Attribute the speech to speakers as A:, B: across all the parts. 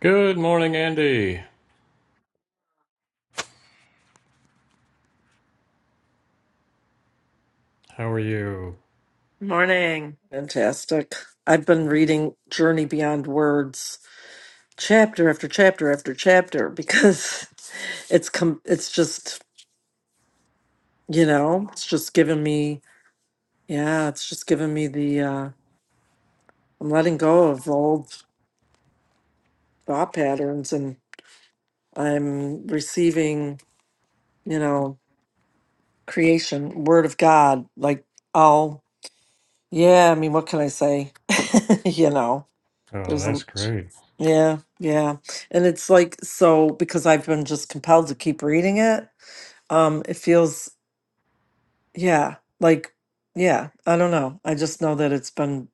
A: Good morning, Andy. How are you?
B: Morning. Fantastic. I've been reading Journey Beyond Words chapter after chapter after chapter because it's com- it's just, you know, it's just giving me yeah, it's just giving me the uh I'm letting go of old thought patterns and I'm receiving, you know, creation, word of God, like oh yeah, I mean what can I say? you know.
A: Oh,
B: There's a
A: that's great.
B: yeah, yeah. And it's like so because I've been just compelled to keep reading it. Um it feels yeah, like yeah, I don't know. I just know that it's been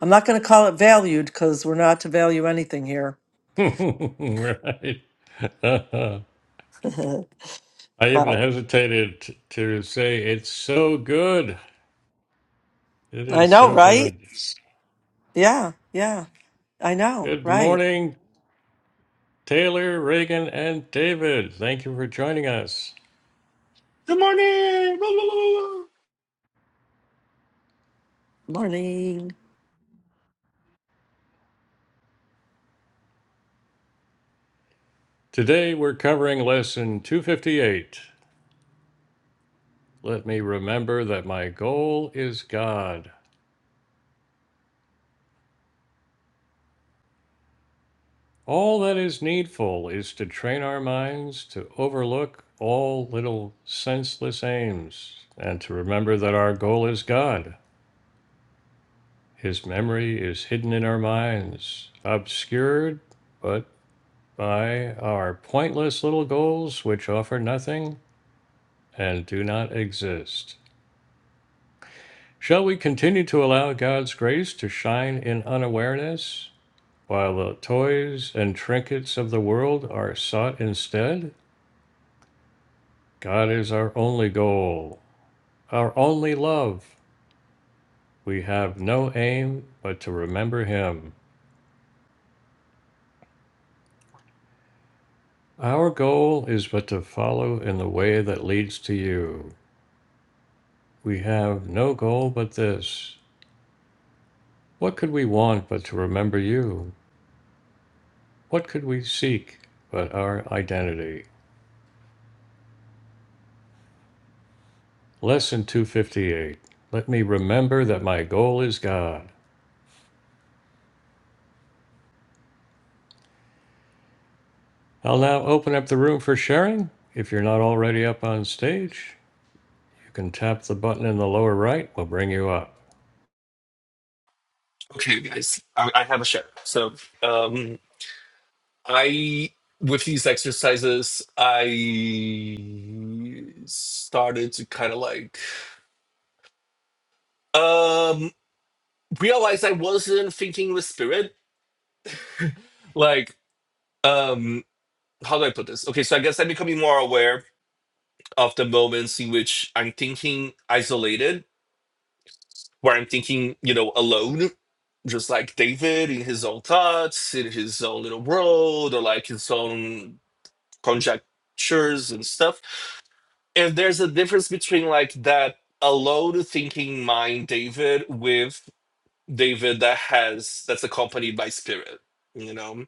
B: I'm not going to call it valued cuz we're not to value anything here.
A: right. I even
B: but
A: hesitated t- to say it's so good. It
B: I
A: is
B: know,
A: so
B: right?
A: good.
B: Yeah, yeah. I know,
A: Good
B: right.
A: morning, Taylor, Reagan, and David. Thank you for joining us.
C: Good morning. Blah, blah, blah, blah.
B: Morning.
A: Today we're covering lesson 258. Let me remember that my goal is God. All that is needful is to train our minds to overlook all little senseless aims and to remember that our goal is God. His memory is hidden in our minds, obscured but by our pointless little goals which offer nothing and do not exist. Shall we continue to allow God's grace to shine in unawareness while the toys and trinkets of the world are sought instead? God is our only goal, our only love. We have no aim but to remember Him. Our goal is but to follow in the way that leads to you. We have no goal but this. What could we want but to remember you? What could we seek but our identity? Lesson 258. Let me remember that my goal is God. I'll now open up the room for sharing if you're not already up on stage. You can tap the button in the lower right, will bring you up.
C: Okay, guys, I, I have a share. So, um, I with these exercises, I started to kind of like um realize I wasn't thinking with spirit. Like, um, how do I put this? Okay, so I guess I'm becoming more aware of the moments in which I'm thinking isolated where I'm thinking, you know, alone, just like David in his own thoughts, in his own little world, or like his own conjectures and stuff. And there's a difference between like that alone thinking mind, David, with David that has that's accompanied by spirit. You know,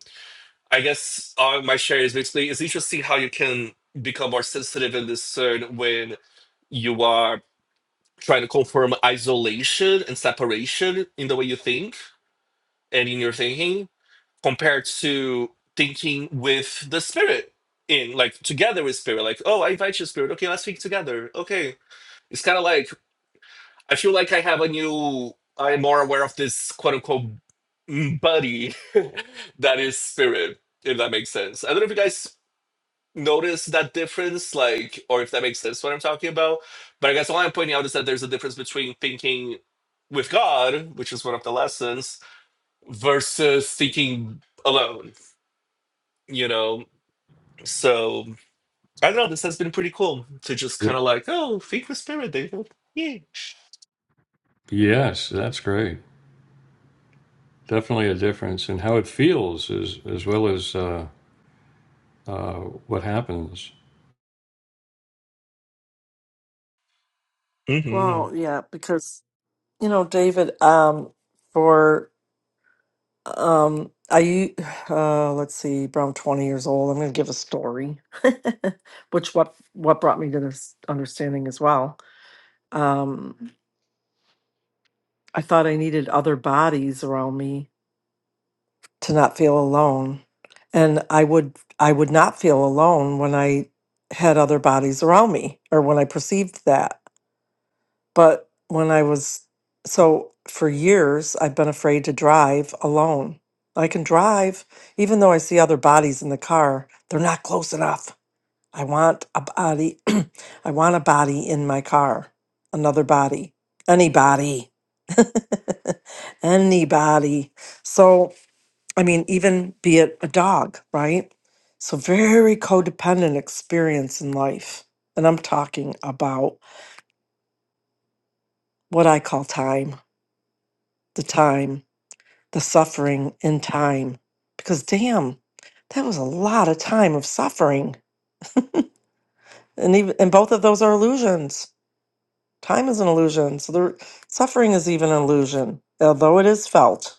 C: I guess uh, my share is basically it's interesting how you can become more sensitive and discern when you are trying to confirm isolation and separation in the way you think and in your thinking compared to thinking with the spirit in like together with spirit like oh i invite you spirit okay let's think together okay it's kind of like i feel like i have a new i'm more aware of this quote unquote mm, buddy that is spirit if that makes sense i don't know if you guys notice that difference like or if that makes sense what i'm talking about but i guess all i'm pointing out is that there's a difference between thinking with god which is one of the lessons versus thinking alone, you know? So I don't know, this has been pretty cool to just
A: Ye-
C: kind of like, oh, think with spirit, David. Yeah.
A: Yes, that's great. Definitely a difference in how it feels as, as well as uh, uh, what happens.
C: hmm
B: Well, yeah, because you know, David um for Um, I u- uh let's see, around 20 years old. I'm gonna give a story, which what what brought me to this understanding as well. Um, I thought I needed other bodies around me to not feel alone. And I would I would not feel alone when I had other bodies around me or when I perceived that. But when I was, so for years, I've been afraid to drive alone. I can drive, even though I see other bodies in the car, they're not close enough. I want a body, I want a body in my car, another body, anybody, anybody. So, I mean, even be it a dog, right? So, very codependent experience in life. And I'm talking about what I call time the time, the suffering in time. Because damn, that was a lot of time of suffering. And even and both of those are illusions. Time is an illusion. So the suffering is even an illusion. Although it is felt.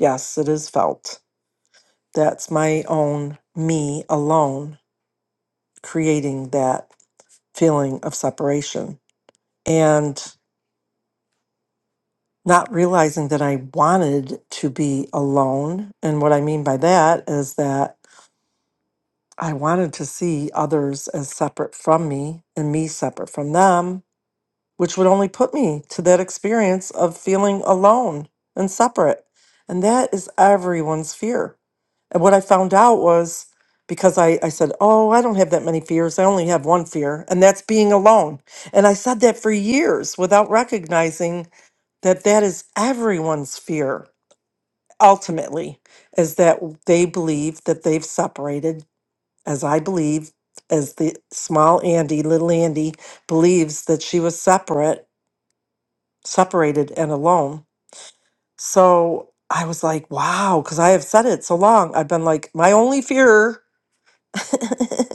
B: Yes, it is felt. That's my own me alone creating that feeling of separation. And not realizing that I wanted to be alone. And what I mean by that is that I wanted to see others as separate from me and me separate from them, which would only put me to that experience of feeling alone and separate. And that is everyone's fear. And what I found out was because I, I said, Oh, I don't have that many fears. I only have one fear, and that's being alone. And I said that for years without recognizing that that is everyone's fear ultimately, is that they believe that they've separated as I believe, as the small Andy, little Andy, believes that she was separate, separated and alone. So I was like, wow, because I have said it so long. I've been like, my only fear.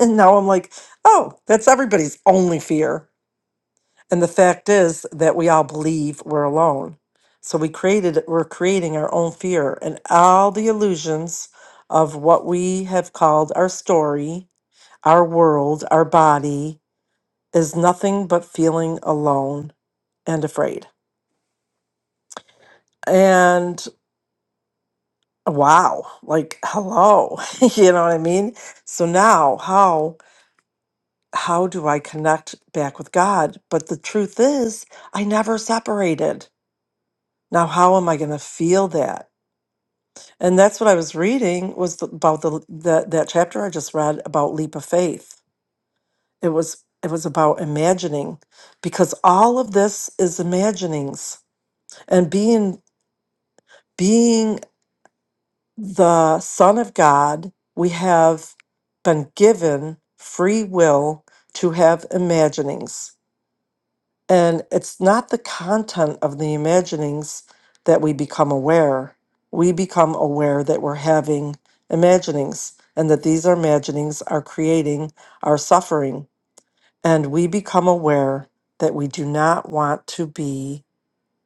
B: and now I'm like, oh, that's everybody's only fear. And the fact is that we all believe we're alone. So we created, we're creating our own fear and all the illusions of what we have called our story, our world, our body, is nothing but feeling alone and afraid. And wow, like hello, you know what I mean? So now how how do I connect back with God? But the truth is, I never separated. Now how am I going to feel that? And that's what I was reading was the- about the, the that chapter I just read about leap of faith. It was it was about imagining because all of this is imaginings and being being the Son of God, we have been given free will to have imaginings. And it's not the content of the imaginings that we become aware. We become aware that we're having imaginings and that these imaginings are creating our suffering. And we become aware that we do not want to be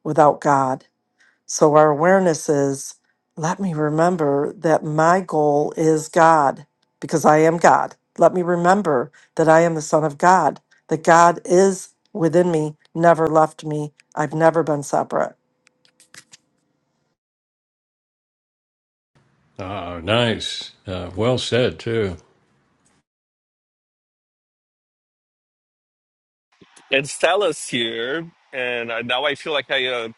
B: without God. So our awareness is let me remember that my goal is God because I am God. Let me remember that I am the Son of God, that God is within me, never left me. I've never been separate.
A: Ah, nice. Uh, well said, too.
C: And Stella's here, and I, now I feel like I uh,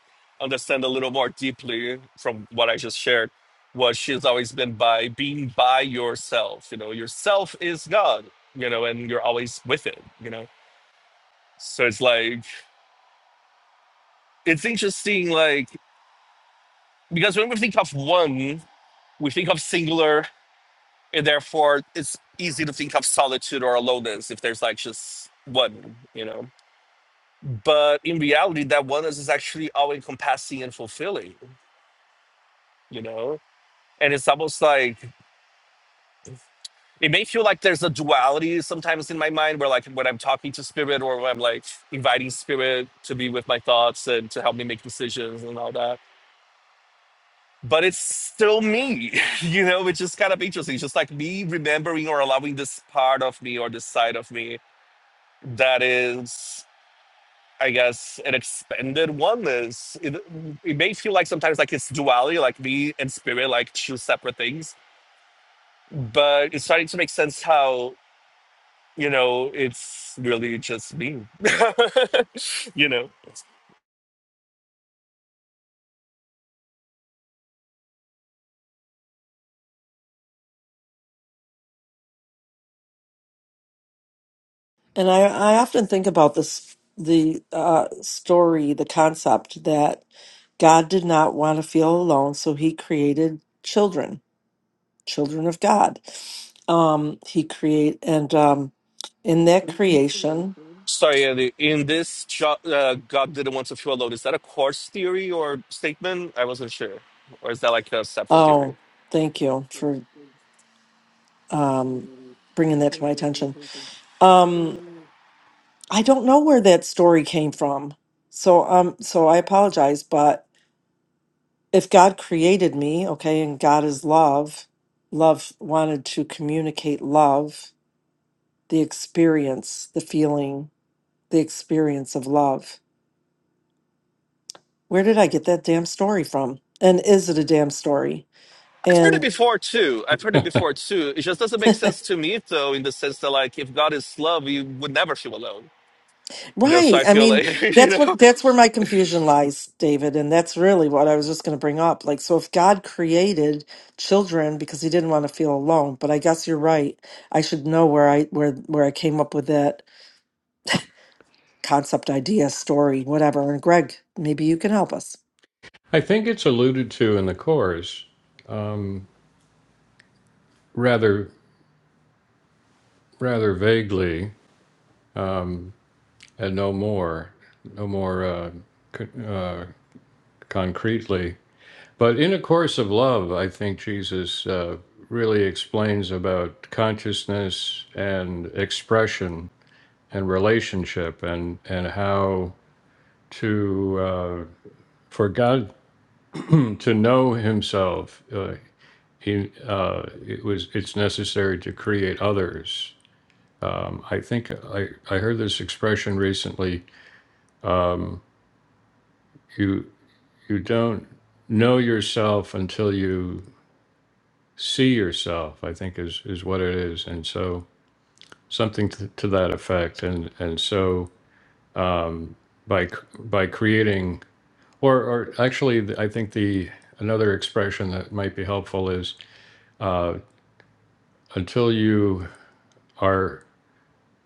C: understand a little more deeply from what I just shared what she's always been by being by yourself. You know, yourself is God, you know, and you're always with it, you know? So it's like, it's interesting, like, Because when we think of one, we think of singular, and therefore it's easy to think of solitude or aloneness if there's like just one, you know. But in reality, that oneness is actually all encompassing and fulfilling, you know? And it's almost like it may feel like there's a duality sometimes in my mind where like when I'm talking to spirit or when I'm like inviting spirit to be with my thoughts and to help me make decisions and all that but it's still me you know which is kind of interesting it's just like me remembering or allowing this part of me or this side of me that is i guess an expanded oneness it, it may feel like sometimes like it's duality like me and spirit like two separate things but it's starting to make sense how you know it's really just me you know
B: And I, I often think about this the uh, story, the concept that God did not want to feel alone, so he created children, children of God. Um, he create and um, in that creation
C: Sorry, Andy. In this, jo- uh, God didn't want to feel alone. Is that a course theory or statement? I wasn't sure. Or is that like a separate theory?
B: Oh, thank you for um, bringing that to my attention. Um, I don't know where that story came from, so um, so I apologize. But if God created me, okay, and God is love, love wanted to communicate love, the experience, the feeling, the experience of love. Where did I get that damn story from? And is it a damn story?
C: I've heard it before too. I've heard it before too. It just doesn't make sense to me though, in the sense that like if God is love, you would never feel alone. You know, so
B: Right.
C: I
B: I
C: feel
B: mean,
C: like you
B: that's
C: know,
B: what that's where my confusion lies, David, and that's really what I was just going to bring up. Like so if God created children because he didn't want to feel alone, but I guess you're right. I should know where I where where I came up with that concept, idea, story, whatever. And Greg, maybe you can help us.
A: I think it's alluded to in the course, um, rather, rather vaguely, um, and no more, no more uh, c- uh, concretely But in A Course of Love, I think Jesus uh, really explains about consciousness and expression and relationship and, and how to, uh, for God to know himself, uh, he, uh, it was, it's necessary to create others. Um, I think I, I heard this expression recently. Um, you, you don't know yourself until you see yourself i think is is what it is and so something to, to that effect and and so by c- by creating or or actually th- i think the another expression that might be helpful is uh until you are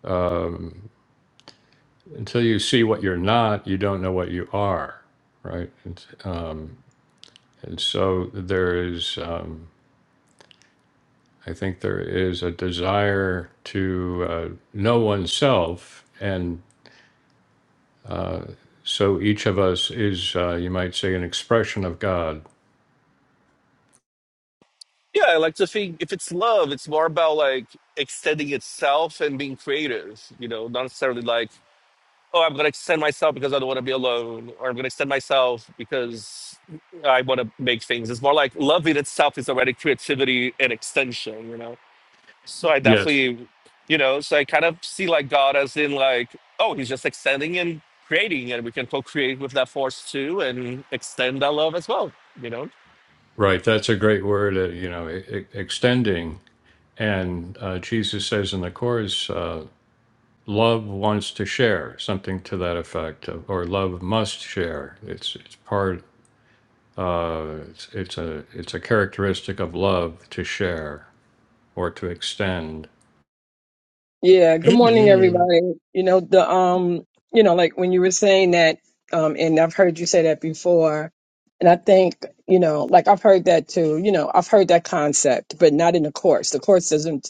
A: um until you see what you're not you don't know what you are right and, um and so there is um I think there is a desire to uh, know oneself and. Uh, so each of us is, uh, you might say, an expression of God.
C: yeah. I like to think if it's love, it's more about like extending itself and being creative. You know, not necessarily like oh, I'm going to extend myself because I don't want to be alone, or I'm going to extend myself because I want to make things. It's more like love in itself is already creativity and extension, you know? So I
A: Yes.
C: definitely, you know, so I kind of see like God as in like, oh, he's just extending and creating, and we can co create with that force too and extend that love as well, you know?
A: Right. That's a great word, uh, you know, e- e- extending. And uh, Jesus says in the chorus, uh, love wants to share, something to that effect, uh, or love must share. It's, it's part, uh, it's, it's, a, it's a characteristic of love to share or to extend.
D: Yeah, good morning,
C: hmm
D: everybody. You know, the um, you know, like when you were saying that, um, and I've heard you say that before, and I think, you know, like I've heard that too, you know, I've heard that concept, but not in the course. The course doesn't,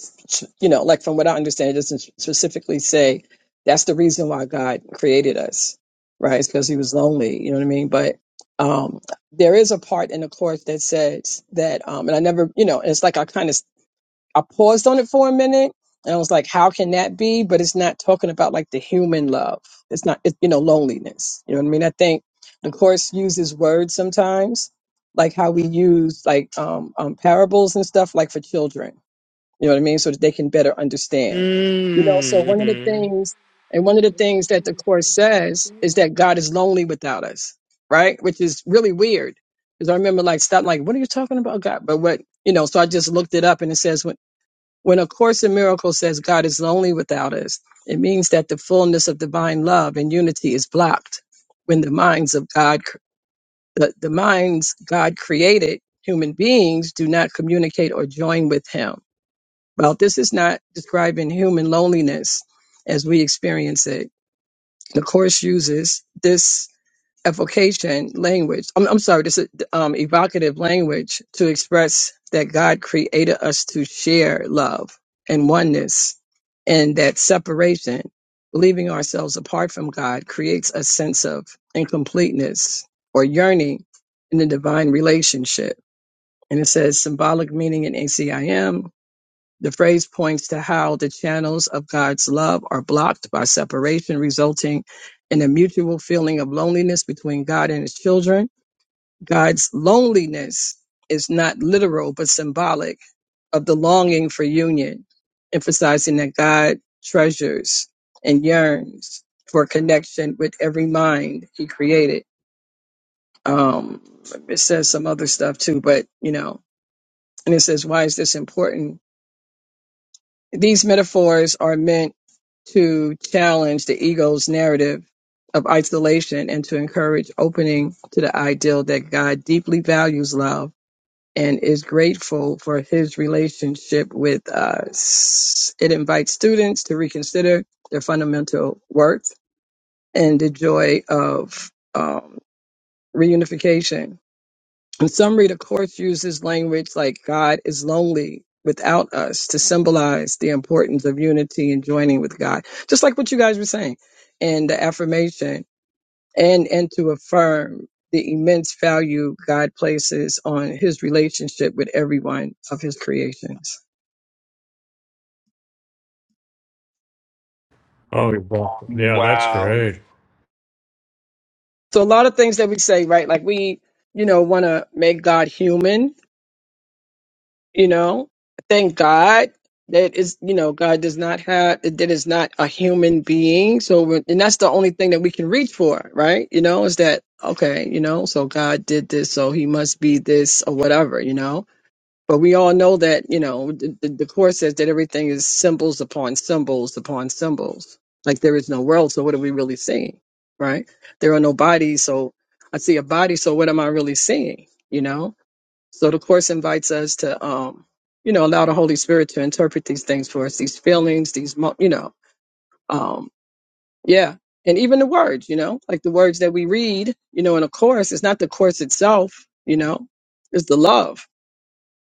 D: you know, like from what I understand, it doesn't specifically say that's the reason why God created us, right? It's because he was lonely, you know what I mean? But um there is a part in the course that says that um and I never, you know, and it's like I kind of I paused on it for a minute and I was like, how can that be? But it's not talking about like the human love. It's not, it, you know, loneliness. You know what I mean? I think the course uses words sometimes, like how we use like um, um, parables and stuff, like for children. You know what I mean? So that they can better understand. You know, so one of the
C: hmm
D: things, and one of the things that the course says is that God is lonely without us, right? Which is really weird. Because I remember like "Stop! like, what are you talking about, God? But what you know, so I just looked it up and it says when A Course in Miracles says God is lonely without us, it means that the fullness of divine love and unity is blocked when the minds of God, the, the minds God created, human beings do not communicate or join with Him. Well, this is not describing human loneliness as we experience it. The Course uses this evocation language. I'm, I'm sorry, this is um, evocative language to express that God created us to share love and oneness, and that separation, leaving ourselves apart from God, creates a sense of incompleteness or yearning in the divine relationship. And it says symbolic meaning in ACIM the phrase points to how the channels of God's love are blocked by separation, resulting in a mutual feeling of loneliness between God and his children. God's loneliness is not literal, but symbolic of the longing for union, emphasizing that God treasures and yearns for connection with every mind he created. Um, it says some other stuff too, but you know, and it says, why is this important? These metaphors are meant to challenge the ego's narrative of isolation and to encourage opening to the ideal that God deeply values love and is grateful for his relationship with us. It invites students to reconsider their fundamental worth and the joy of um, reunification in summary, the Course uses language like God is lonely without us to symbolize the importance of unity and joining with God, just like what you guys were saying, and the affirmation, and, and to affirm the immense value God places on his relationship with every one of his creations.
A: Oh, wow. yeah, that's
C: Wow.
A: great.
D: So, a lot of things that we say, right? Like we, you know, want to make God human you know thank god that is you know god does not have that is not a human being so we're- and that's the only thing that we can reach for right you know is that okay you know so god did this so he must be this or whatever you know but we all know that you know the, the, the course says that everything is symbols upon symbols upon symbols like there is no world so what are we really seeing right there are no bodies so i see a body so what am i really seeing you know so the course invites us to, um, you know, allow the Holy Spirit to interpret these things for us, these feelings, these, mo- you know, um, yeah, and even the words, you know, like the words that we read, you know, in a course. It's not the course itself, you know, it's the love,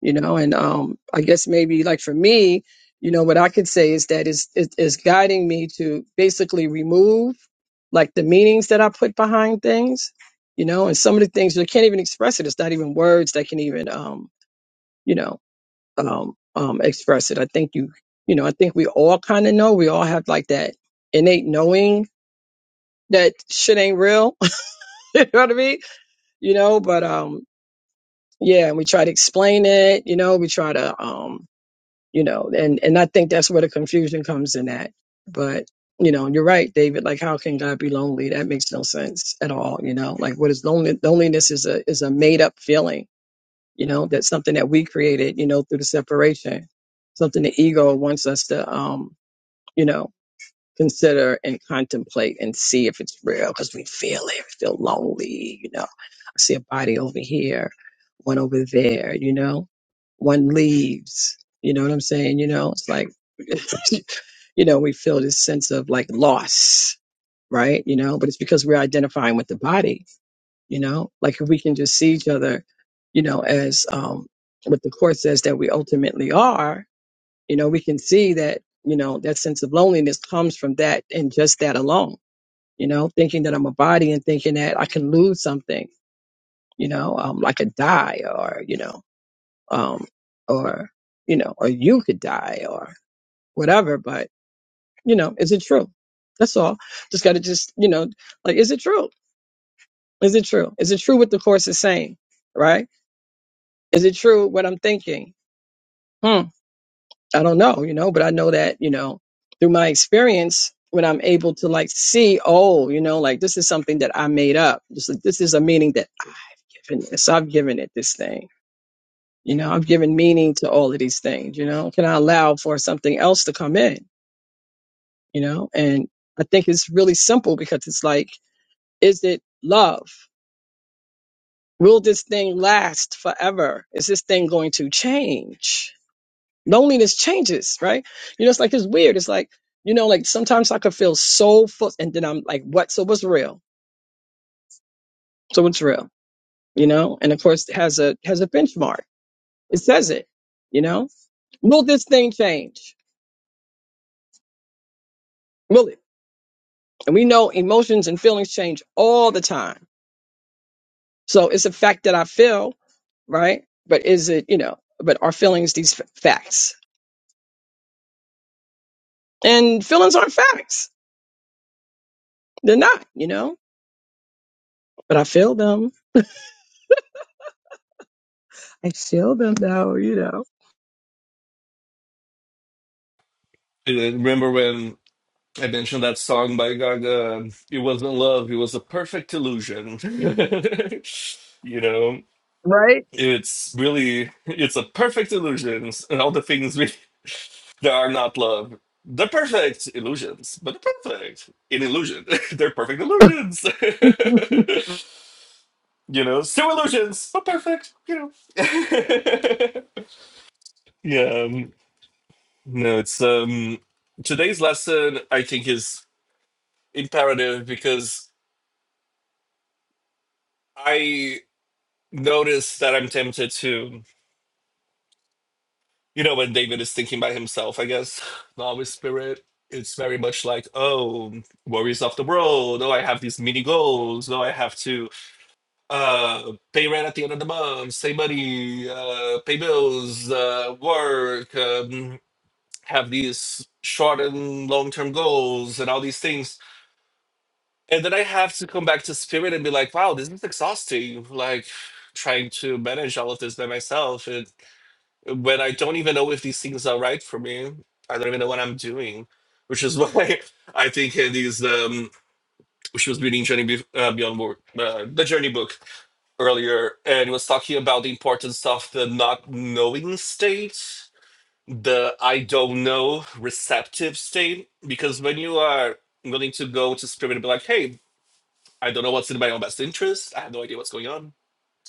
D: you know, and um, I guess maybe like for me, you know, what I could say is that is is is guiding me to basically remove like the meanings that I put behind things, you know, and some of the things you can't even express it. It's not even words that can even um, you know um, um, express it. I think you, you know, I think we all kind of know. We all have like that innate knowing that shit ain't real. you know what I mean? You know, but um, yeah, and we try to explain it. You know, we try to, um, you know, and and I think that's where the confusion comes in at. But you know, you're right, David. Like, how can God be lonely? That makes no sense at all. You know, like what is lonely? Loneliness is a is a made up feeling You know, that's something that we created, you know, through the separation, something the ego wants us to, um, you know, consider and contemplate and see if it's real because we feel it, we feel lonely, you know. I see a body over here, one over there, you know, one leaves, you know what I'm saying? You know, it's like, you know, we feel this sense of like loss, right? You know, but it's because we're identifying with the body you know like if we can just see each other you know as um what the court says that we ultimately are you know we can see that you know that sense of loneliness comes from that and just that alone you know thinking that i'm a body and thinking that i can lose something you know um like a die or you know um or you know or you could die or whatever but you know is it true that's all just got to just you know like is it true is it true is it true what the course is saying right Is it true what I'm thinking? Hmm. I don't know, you know, but I know that, you know, through my experience, when I'm able to like see, oh, you know, like this is something that I made up. This, is- this is a meaning that I've given this. I've given it this thing. You know, I've given meaning to all of these things. You know, can I allow for something else to come in? You know, and I think it's really simple because it's like, is it love? Will this thing last forever? Is this thing going to change? loneliness changes, right? You know, it's like it's weird. It's like, you know, like sometimes I could feel so full and then I'm like, what so what's real? So what's real? You know? And of course it has a has a benchmark. It says it, you know? Will this thing change? Will it? And we know emotions and feelings change all the time. So it's a fact that I feel, right? But is it, you know, but are feelings these f- facts? And feelings aren't facts. They're not, you know? But I feel them. I feel them though, you
C: Uh, Remember when? I mentioned that song by Gaga. It wasn't love, it was a perfect illusion. you know, it's really, it's a perfect illusion. And all the things we, that are not love, they're perfect illusions, but they're perfect in illusion. they're perfect illusions. you know, still illusions, but perfect, you know. yeah, um, no, it's, um, today's lesson, I think, is imperative because. I. Notice that I'm tempted to, you know, when David is thinking by himself, I guess, the Holy Spirit, it's very much like, oh, worries of the world. Oh, I have these mini goals. Oh, I have to uh, pay rent at the end of the month, save money, uh, pay bills, uh, work, um, have these short and long term goals and all these things. And then I have to come back to spirit and be like, wow, this is exhausting. Like, trying to manage all of this by myself and. when I don't even know if these things are right for me. I don't even know what I'm doing, which is why I think in these um, she was reading Journey Be- uh, Beyond Work, uh, the Journey book earlier, and it was talking about the importance of the not knowing state, the I don't know receptive state, because when you are willing to go to spirit and be like, hey, I don't know what's in my own best interest. I have no idea what's going on.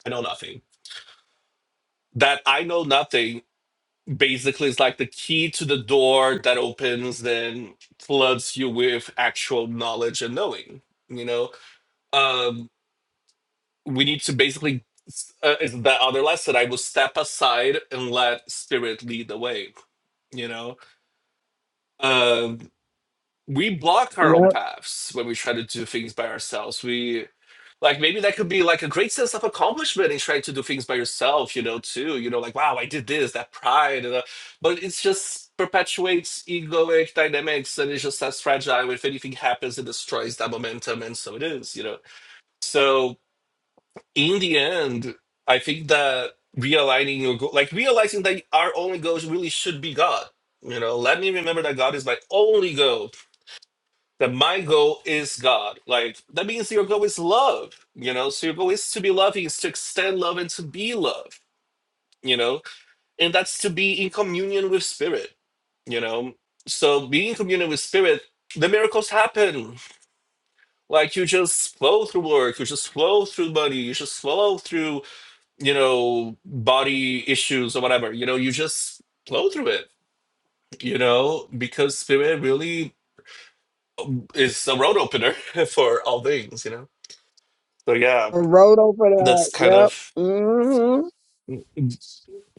C: I know nothing. That I know nothing basically it's like the key to the door that opens then floods you with actual knowledge and knowing you know um we need to basically uh, is that other lesson i will step aside and let spirit lead the way you know um we block our own
D: know.
C: paths when we try to do things by ourselves we Like maybe that could be like a great sense of accomplishment in trying to do things by yourself, you know, too. You know, like wow, I did this, that pride, and, uh, but it's just perpetuates egoic dynamics, and it's just as fragile. If anything happens, it destroys that momentum, and so it is, you know. So in the end, I think that realigning your goal, like realizing that our only goals really should be God. You know, let me remember that God is my only goal that my goal is God. Like that means your goal is love, you know. So your goal is to be loving, is to extend love and to be love, you know, and that's to be in communion with spirit, you know. So being in communion with spirit, the miracles happen. Like you just flow through work, you just flow through money, you just flow through, you know, body issues or whatever. You know, you just flow through it, you know, because spirit really is a road opener for all things, you know. So yeah,
D: Road over
C: That's
D: the
C: kind
D: yep.
C: of
D: hmm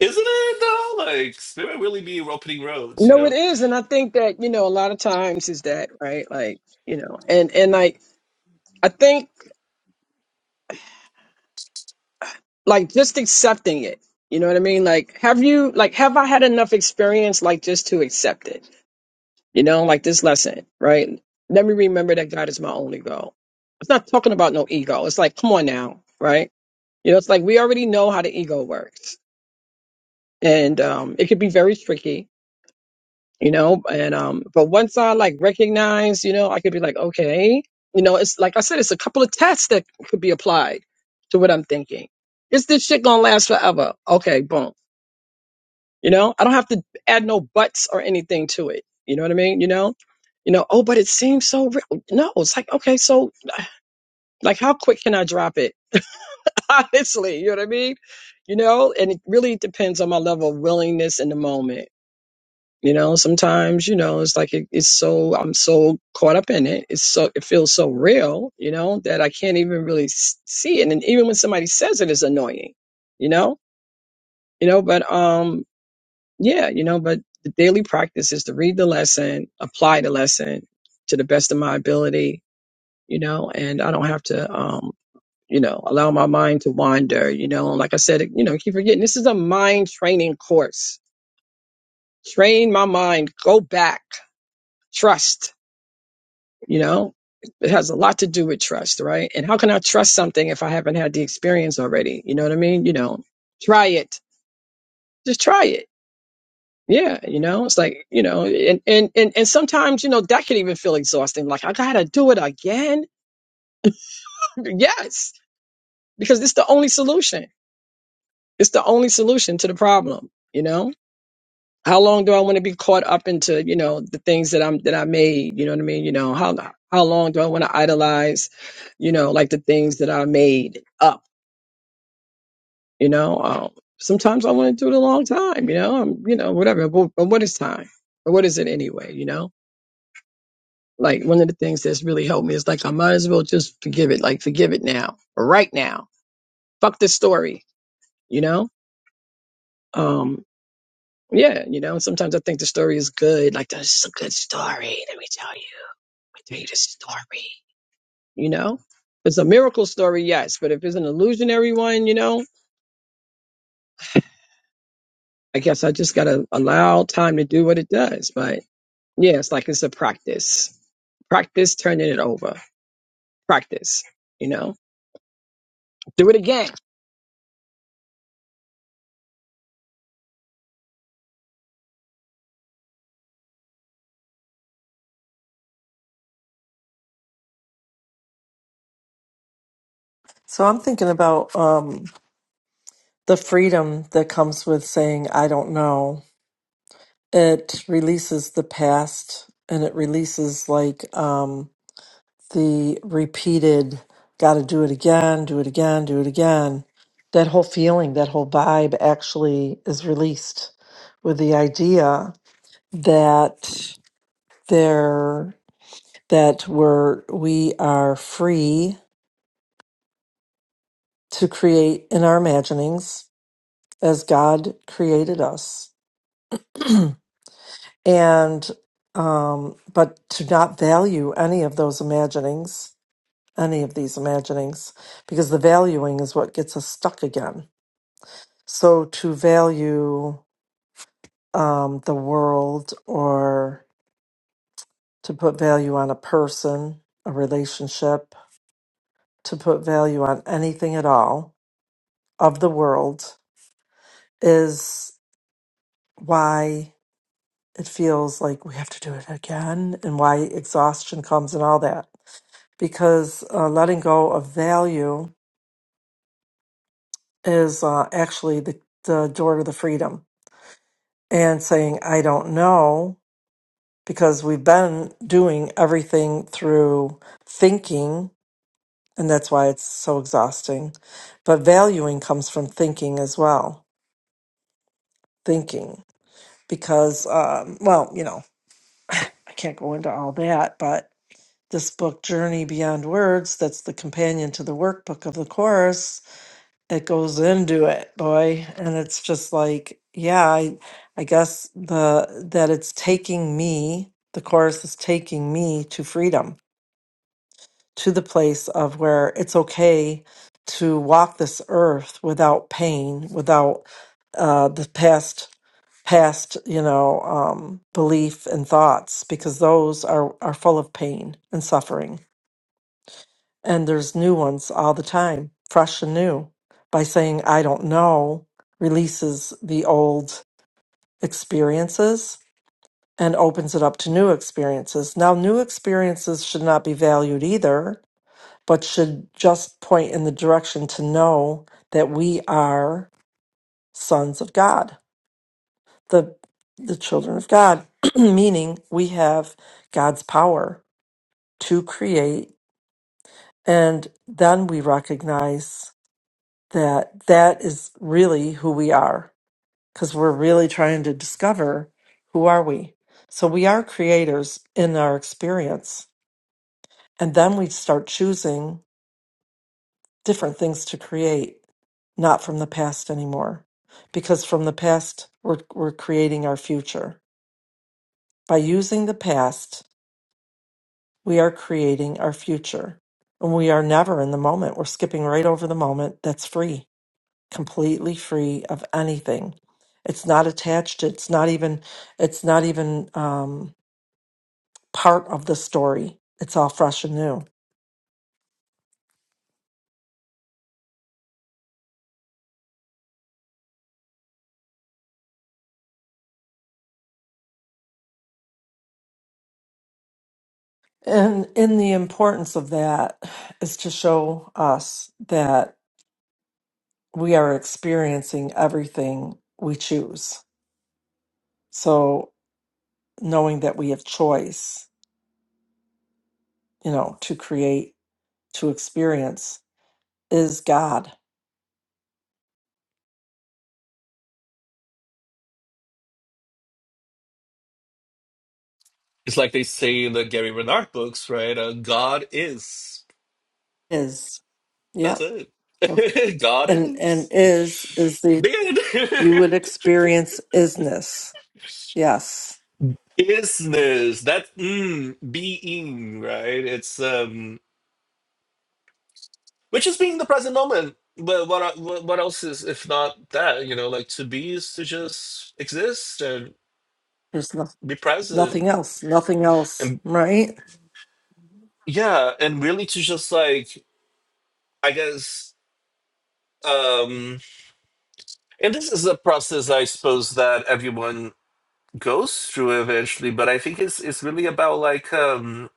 C: isn't it though? Like they might really be opening roads, you
D: No, it
C: know?
D: is, and I think that you know a lot of times is that right, like you know, and and like I think like just accepting it. You know what I mean? Like, have you like have I had enough experience like just to accept it? You know, like this lesson, right? Let me remember that God is my only goal. It's not talking about no ego. It's like, come on now, right? You know, it's like we already know how the ego works, and um, it could be very tricky you know and um but once i like recognize you know i could be like okay you know it's like i said it's a couple of tests that could be applied to what i'm thinking is this shit gonna last forever okay boom you know i don't have to add no buts or anything to it you know what i mean you know you know oh but it seems so real no it's like okay so like how quick can i drop it honestly you know what i mean you know and it really depends on my level of willingness in the moment You know, sometimes, you know, it's like it, it's so, I'm so caught up in it. It's so, it feels so real, you know, that I can't even really s- see it. And even when somebody says it, it's annoying, you know, you know, but, um, yeah, you know, but the daily practice is to read the lesson, apply the lesson to the best of my ability, you know, and I don't have to, um, you know, allow my mind to wander, you know, like I said, you know, I keep forgetting this is a mind training course. Train my mind, go back, trust You know, it has a lot to do with trust, right? And how can I trust something if I haven't had the experience already? You know what I mean? You know, try it. Just try it. Yeah, you know, it's like, you know, and and and, and sometimes, you know, that can even feel exhausting. Like I gotta do it again. yes, because it's the only solution. It's the only solution to the problem, you know? How long do I want to be caught up into, you know, the things that I'm that I made, you know what I mean? You know, how how long do I want to idolize you know, like the things that I made up. You know, um, sometimes I want to do it a long time. You know, I'm, you know, whatever. But, but what is time? But what is it anyway? You know, like one of the things that's really helped me is like I might as well just forgive it. Like forgive it now, right now. Fuck this story. You know, um, yeah. You know, sometimes I think the story is good. Like this is a good story. Let me tell you, I tell you the story. You know, it's a miracle story, yes. But if it's an illusionary one, you know, I guess I just gotta allow time to do what it does. But Yeah, it's like it's a practice. Practice turning it over. Practice, you know. Do it again.
B: So I'm thinking about um the freedom that comes with saying I don't know. It releases the past and it releases like um the repeated got to do it again, do it again, do it again, that whole feeling, that whole vibe actually is released with the idea that there that we're we are free to create in our imaginings as God created us. and um but to not value any of those imaginings, any of these imaginings, because the valuing is what gets us stuck again So to value um, the world or to put value on a person, a relationship, to put value on anything at all of the world is why it feels like we have to do it again and why exhaustion comes and all that. Because uh, letting go of value is uh, actually the, the door to the freedom and saying, I don't know. because we've been doing everything through thinking, and that's why it's so exhausting. But valuing comes from thinking as well, thinking, because, um, well, you know, I can't go into all that, but this book, Journey Beyond Words, that's the companion to the workbook of the course, it goes into it, boy. And it's just like, yeah, I, I guess the that it's taking me, the course is taking me to freedom to the place of where it's okay to walk this earth without pain, without uh, the past past you know um, belief and thoughts because those are are full of pain and suffering and there's new ones all the time fresh and new by saying i don't know releases the old experiences and opens it up to new experiences now new experiences should not be valued either but should just point in the direction to know that we are sons of God, the the children of God, meaning we have God's power to create and then we recognize that that is really who we are because we're really trying to discover who are we. So we are creators in our experience and then we start choosing different things to create not from the past anymore. Because from the past, we're, we're creating our future. By using the past, we are creating our future. And we are never in the moment. We're skipping right over the moment that's free, completely free of anything. It's not attached. It's not even, it's not even um, part of the story. It's all fresh and new. And in the importance of that is to show us that we are experiencing everything we choose. So knowing that we have choice, you know, to create, to experience is God.
C: It's like they say in the Gary Renard books, right? Uh, God is.
B: Is.
C: That's
B: Yep.
C: it. God
B: And and
C: is.
B: is is the
C: Did
B: you would experience isness. Yes.
C: isness. That's mm, being, right? It's um which is being the present moment. But what e- what what else is if not that, you know, like to be is to just exist and
B: There's no,
C: be
B: nothing
C: present
B: else. Nothing else.
C: and
B: Right?
C: yeah, and really to just like I guess Um, and this is a process, I suppose, that everyone goes through eventually. But I think it's it's really about like um,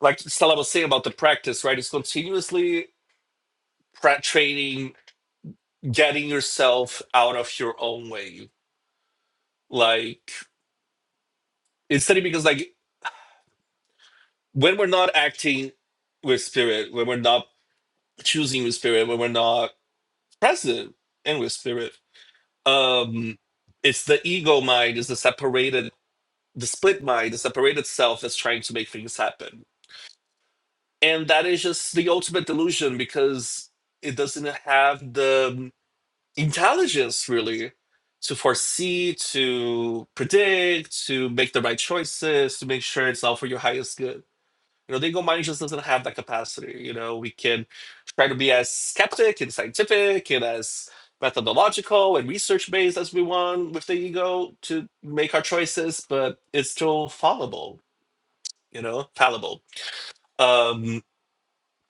C: like Stella was saying about the practice, right? It's continuously pra- training, getting yourself out of your own way. Like it's funny because like when we're not acting with spirit, when we're not choosing with spirit, when we're not present and with spirit, um, it's the ego mind, is the separatedness the split mind, the separated self that's trying to make things happen. And that is just the ultimate delusion because it doesn't have the intelligence really to foresee, to predict, to make the right choices, to make sure it's all for your highest good. You know, the ego mind just doesn't have that capacity. You know, we can try to be as skeptic and scientific and as methodological and research based as we want with the ego to make our choices, but it's still fallible you know, fallible, um,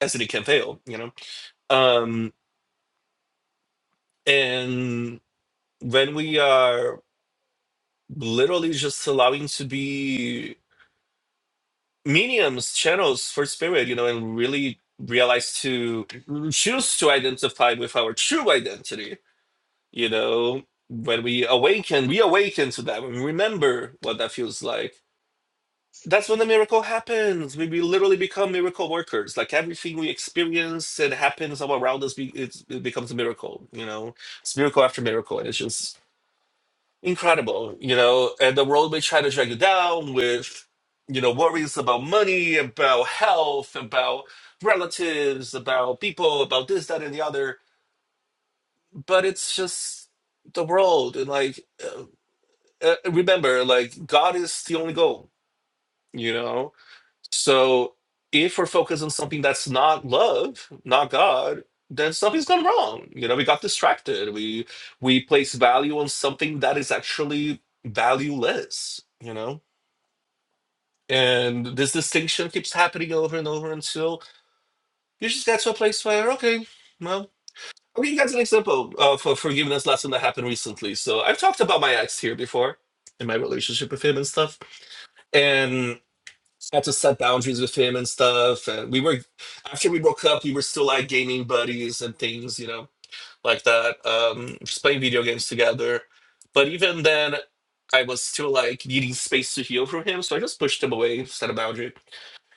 C: as can fail, you know. Um, and when we are literally just allowing to be mediums, channels for spirit, you know, and really realize to choose to identify with our true identity, you know, when we awaken, we awaken to that, when we remember what that feels like That's when the miracle happens. We, we literally become miracle workers. Like everything we experience and happens all around us, be, it's, it becomes a miracle. You know, it's miracle after miracle, and it's just incredible. You know, and the world may try to drag you down with, you know, worries about money, about health, about relatives, about people, about this, that, and the other. But it's just the world, and like, uh, uh, remember, like God is the only goal. You know, So if we're focused on something that's not love, not God, then something's gone wrong. You know, we got distracted. We we place value on something that is actually valueless, you know? And this distinction keeps happening over and over until you just get to a place where, okay, well, I'll give you guys an example of a forgiveness lesson that happened recently. So I've talked about my ex here before in my relationship with him and stuff. and. had to set boundaries with him and stuff. And we were after we broke up, we were still like gaming buddies and things, you know, like that. Um, just playing video games together. But even then, I was still like needing space to heal from him, so I just pushed him away, set a boundary.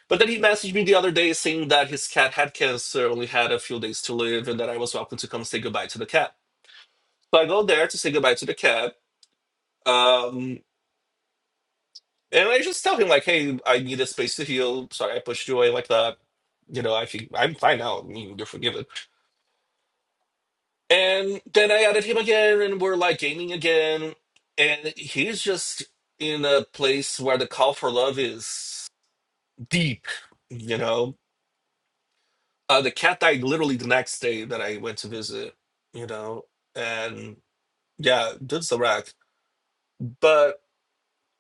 C: But then he messaged me the other day saying that his cat had cancer, only had a few days to live, and that I was welcome to come say goodbye to the cat. So I go there to say goodbye to the cat. Um, And I just tell him like, hey, I need a space to heal. Sorry, I pushed you away like that. You know, I think I'm fine now. I mean, you're forgiven. And then I added him again, and we're like gaming again. And he's just in a place where the call for love is deep. You know, uh, the cat died literally the next day that I went to visit. You know, and yeah, that's the wreck. But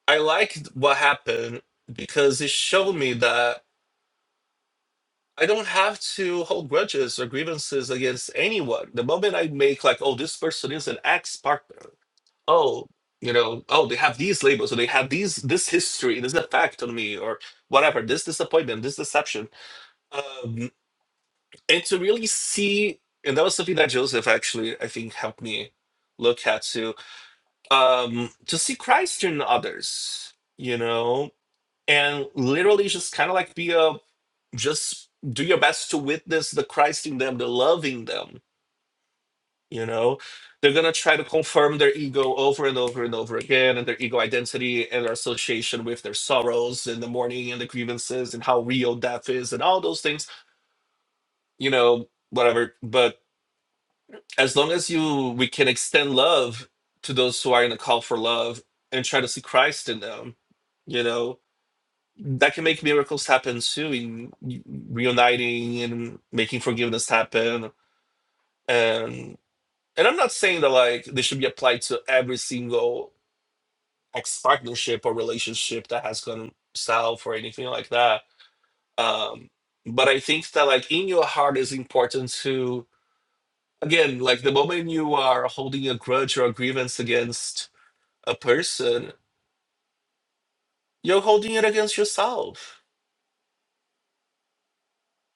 C: I liked what happened because it showed me that. I don't have to hold grudges or grievances against anyone. The moment I make like, oh, this person is an ex-partner. Oh, you know, oh, they have these labels or they have these this history, this effect on me, or whatever, this disappointment, this deception. Um, and to really see, and that was something that Joseph actually, I think, helped me look at too. Um, to see Christ in others, you know, and literally just kind of like be a just do your best to witness the Christ in them, the love in them. You know, they're gonna try to confirm their ego over and over and over again, and their ego identity and their association with their sorrows and the mourning and the grievances and how real death is and all those things. You know, whatever. But as long as you, we can extend love to those who are in a call for love and try to see Christ in them. You know, that can make miracles happen too in reuniting and making forgiveness happen and and i'm not saying that like they should be applied to every single ex partnership or relationship that has gone south or anything like that um but i think that like in your heart is important to again like the moment you are holding a grudge or a grievance against a person you're holding it against yourself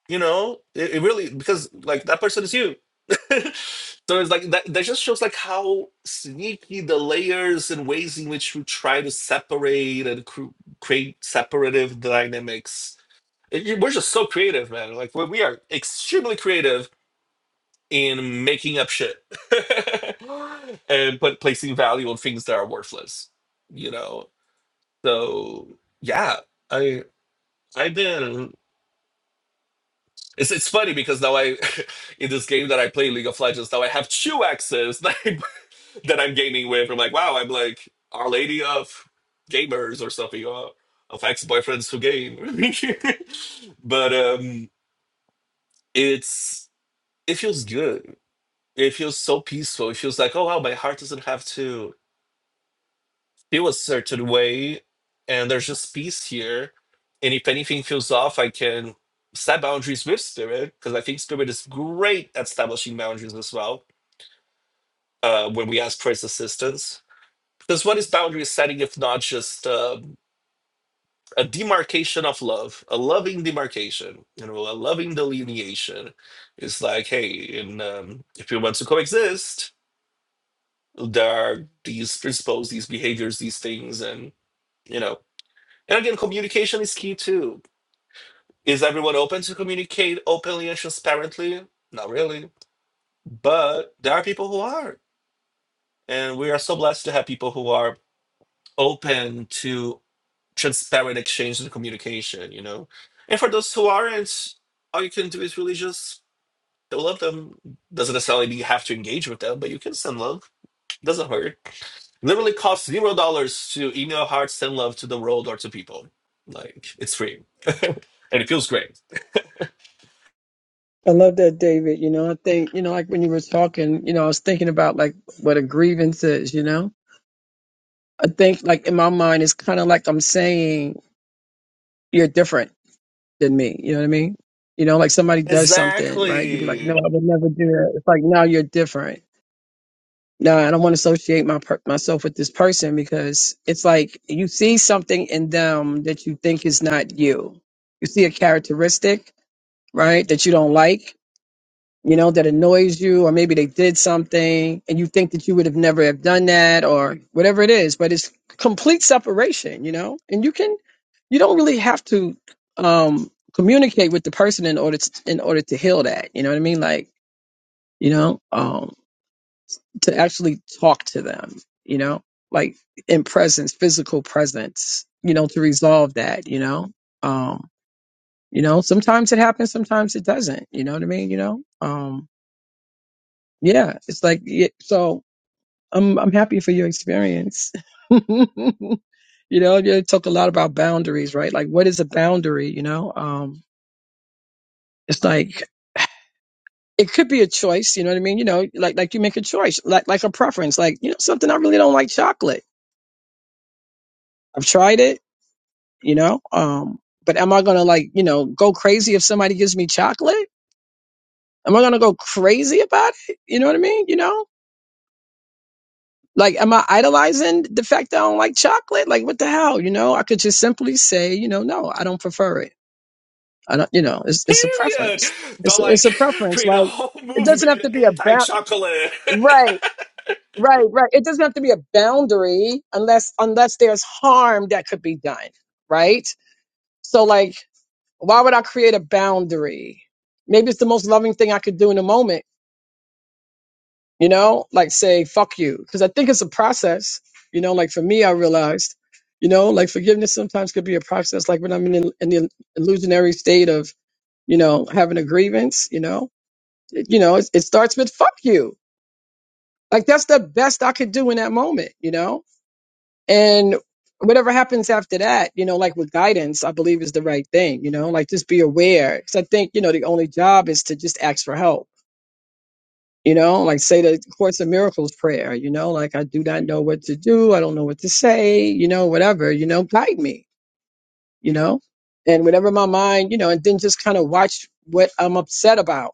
C: you know it, it really because like that person is you so it's like that that just shows like how sneaky the layers and ways in which we try to separate and cr- create separative dynamics It- you- we're just so creative man like we we are extremely creative in making up shit and but placing value on things that are worthless you know so yeah i i've been It's, it's funny because now I, in this game that I play, League of Legends, now I have two axes that, I, that I'm gaming with. I'm like, wow, I'm like Our Lady of Gamers or something, or of ex boyfriends who game. but um, it's it feels good. It feels so peaceful. It feels like, oh wow, my heart doesn't have to. feel a certain way and there's just peace here and if anything feels off i can set boundaries with spirit because i think spirit is great at establishing boundaries as well uh, when we ask for its assistance because what is boundary setting if not just um, a demarcation of love a loving demarcation you know a loving delineation it's like hey and um, if you want to coexist there are these principles these behaviors these things and you know And again, communication is key too. Is everyone open to communicate openly and transparently? Not really. But there are people who are. And we are so blessed to have people who are open to transparent exchange and communication, you know? And for those who aren't, all you can do is really just love them. Doesn't necessarily mean you have to engage with them, but you can send love. Doesn't hurt. Literally costs zero dollars to email heart, send love to the world or to people. Like it's free. And it feels great.
D: I love that, David. You know, I think, you know, like when you were talking, you know, I was thinking about like what a grievance is, you know? I think like in my mind it's kinda like I'm saying you're different than me. You know what I mean? You know, like somebody does something, right? You'd be like,
C: Exactly.
D: No, I would never do that. It's like now you're different. no, I don't want to associate my per- myself with this person because it's like you see something in them that you think is not you. You see a characteristic, right, that you don't like, you know, that annoys you, or maybe they did something and you think that you would have never have done that or whatever it is, but it's complete separation, you know, and you can, you don't really have to, um, communicate with the person in order to, in order to heal that, you know what I mean? Like, you know, um, to actually talk to them, you know, like in presence, physical presence, you know, to resolve that, you know. Um, you know, sometimes it happens, sometimes it doesn't, you know what I mean, you know? Um, yeah, it's like yeah, so I'm I'm happy for your experience. you know, you talk a lot about boundaries, right? Like what is a boundary, you know? Um, it's like it could be a choice, you know what I mean? You know, like like you make a choice, like like a preference, like, you know, something I really don't like chocolate. I've tried it you know um but am i gonna like you know go crazy if somebody gives me chocolate am i gonna go crazy about it you know what i mean you know like am i idolizing the fact that i don't like chocolate like what the hell you know i could just simply say you know no i don't prefer it i don't you know it's, it's a
C: Period.
D: preference it's
C: Don't
D: a, it's
C: like
D: a preference
C: create a
D: like
C: whole
D: it
C: movement
D: doesn't have to be a
C: anti
D: ba-
C: chocolate.
D: right right right it doesn't have to be a boundary unless unless there's harm that could be done right so like Why would I create a boundary? Maybe it's the most loving thing I could do in the moment, you know, like say, fuck you. Because I think it's a process, you know, like for me, I realized, you know, like forgiveness sometimes could be a process. Like when I'm in, in the illusionary state of, you know, having a grievance, you know, it, you know, it, it starts with fuck you. Like that's the best I could do in that moment, you know? and whatever happens after that you know like with guidance i believe is the right thing you know like just be aware because i think you know the only job is to just ask for help you know like say the course of miracles prayer you know like i do not know what to do i don't know what to say you know whatever you know guide me you know and whatever my mind you know and then just kind of watch what i'm upset about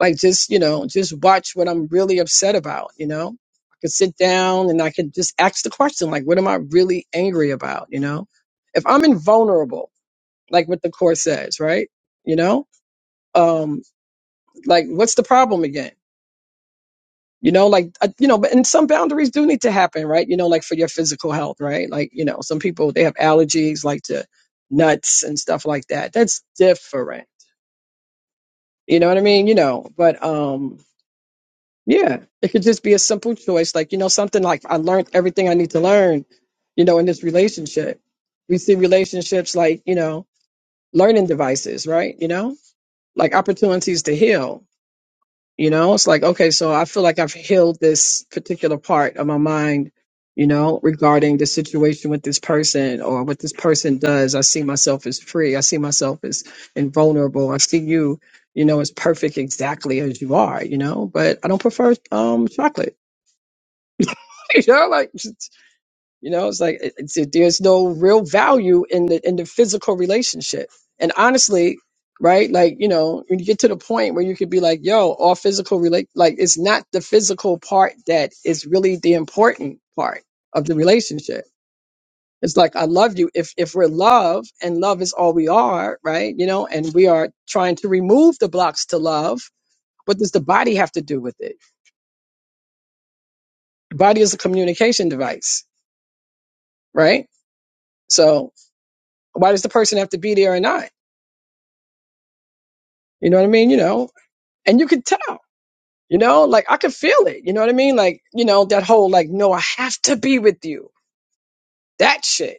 D: Like just, you know, just watch what I'm really upset about, you know? I could sit down and I could just ask the question, like, what am I really angry about, you know? If I'm invulnerable, like what the court says, right? You know? Um, like what's the problem again? You know, like, uh, you know, but and some boundaries do need to happen, right? You know, like for your physical health, right? Like, you know, some people, they have allergies, like to nuts and stuff like that. That's different. You know what I mean? You know, but, um, Yeah, it could just be a simple choice, like you know, something like I learned everything I need to learn, you know, in this relationship. We see relationships like you know, learning devices, right? You know, like opportunities to heal. You know, it's like okay, so I feel like I've healed this particular part of my mind, you know, regarding the situation with this person or what this person does. I see myself as free. I see myself as invulnerable. I see you, you know, as perfect exactly as you are. You know, but I don't prefer um chocolate you know, like you know, it's like it, it's, there's no real value in the in the physical relationship. And honestly, right, like you know, when you get to the point where you could be like, "Yo, all physical relate," like it's not the physical part that is really the important part of the relationship. It's like I love you. If if we're love and love is all we are, right? You know, and we are trying to remove the blocks to love. What does the body have to do with it? The body is a communication device, right? So Why does the person have to be there or not? You know what I mean? You know, and you could tell, you know, like I could feel it. You know what I mean? Like, you know, that whole like, no, I have to be with you. That shit,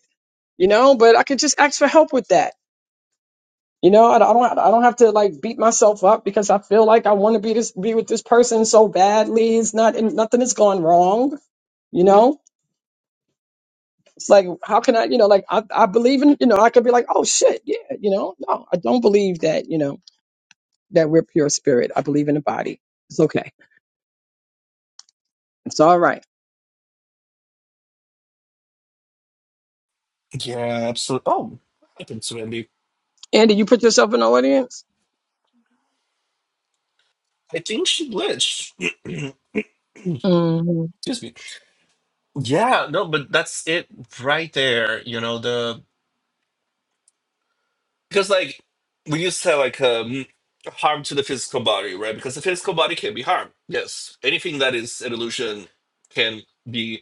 D: you know, but I could just ask for help with that. You know, I don't, I don't I don't have to like beat myself up because I feel like I want to be this, be with this person so badly. It's not, and nothing has gone wrong. You know, it's like, how can I, you know, like I, I believe in, you know, I could be like, oh shit, yeah, you know, no, I don't believe that, you know, that we're pure spirit. I believe in the body. It's okay It's all right.
C: yeah, absolutely. Oh, what happened to Wendy?
D: Andy, you put yourself in the audience?
C: I think she glitched.
D: hmm
C: Excuse me. Yeah, no, but that's it right there. You know the because like we used to have like um harm to the physical body, right? Because the physical body can be harmed. Yes, anything that is an illusion can be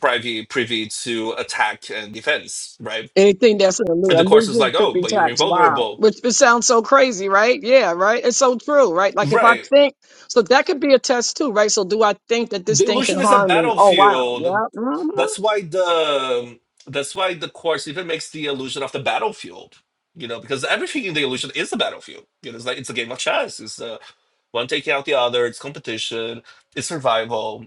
C: privy privy to attack and defense, right?
D: Anything that's an
C: And
D: allu-
C: the course is
D: allusion
C: like,
D: should
C: oh,
D: be
C: but you're
D: taxed. Wow.
C: invulnerable.
D: Which it sounds so crazy, right? Yeah, right? It's so true, right? Like if I
C: Right.
D: think, so that could be a test too, right? So do I think that this
C: The
D: thing can
C: illusion is a
D: harm me? Oh, wow.
C: battlefield.
D: Yeah.
C: That's why the um, that's why the course even makes the illusion of the battlefield. You know, because everything in the illusion is a battlefield. You know, it's like it's a game of chess. It's uh, one taking out the other. It's competition. It's survival.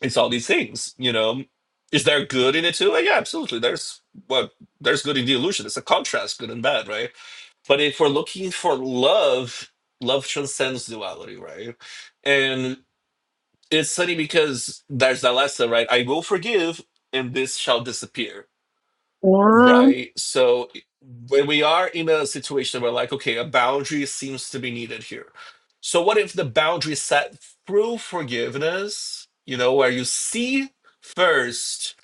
C: It's all these things. You know, is there good in it too? Uh, Yeah, absolutely. There's what there's good in the illusion. It's a contrast, good and bad, right? But if we're looking for love, love transcends duality, right? And it's funny because there's that lesson, right? I will forgive and this shall disappear,
D: hmm
C: right? So when we are in a situation where, like, okay, a boundary seems to be needed here. So what if the boundary is set through forgiveness, you know, where you see first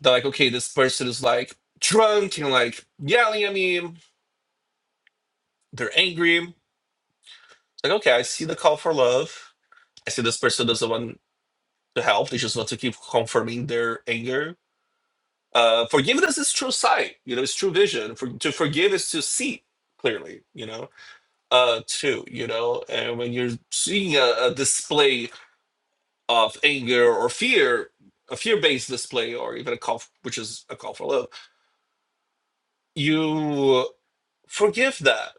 C: that, like, okay, this person is like drunk and like yelling at me, they're angry Like, okay, I see the call for love. I see this person doesn't want to help. They just want to keep confirming their anger. Uh, forgiveness is true sight. You know, it's true vision. For, to forgive is to see clearly. You know, uh, too. You know, and when you're seeing a, a display of anger or fear, a fear-based display, or even a call, f- which is a call for love, you forgive that.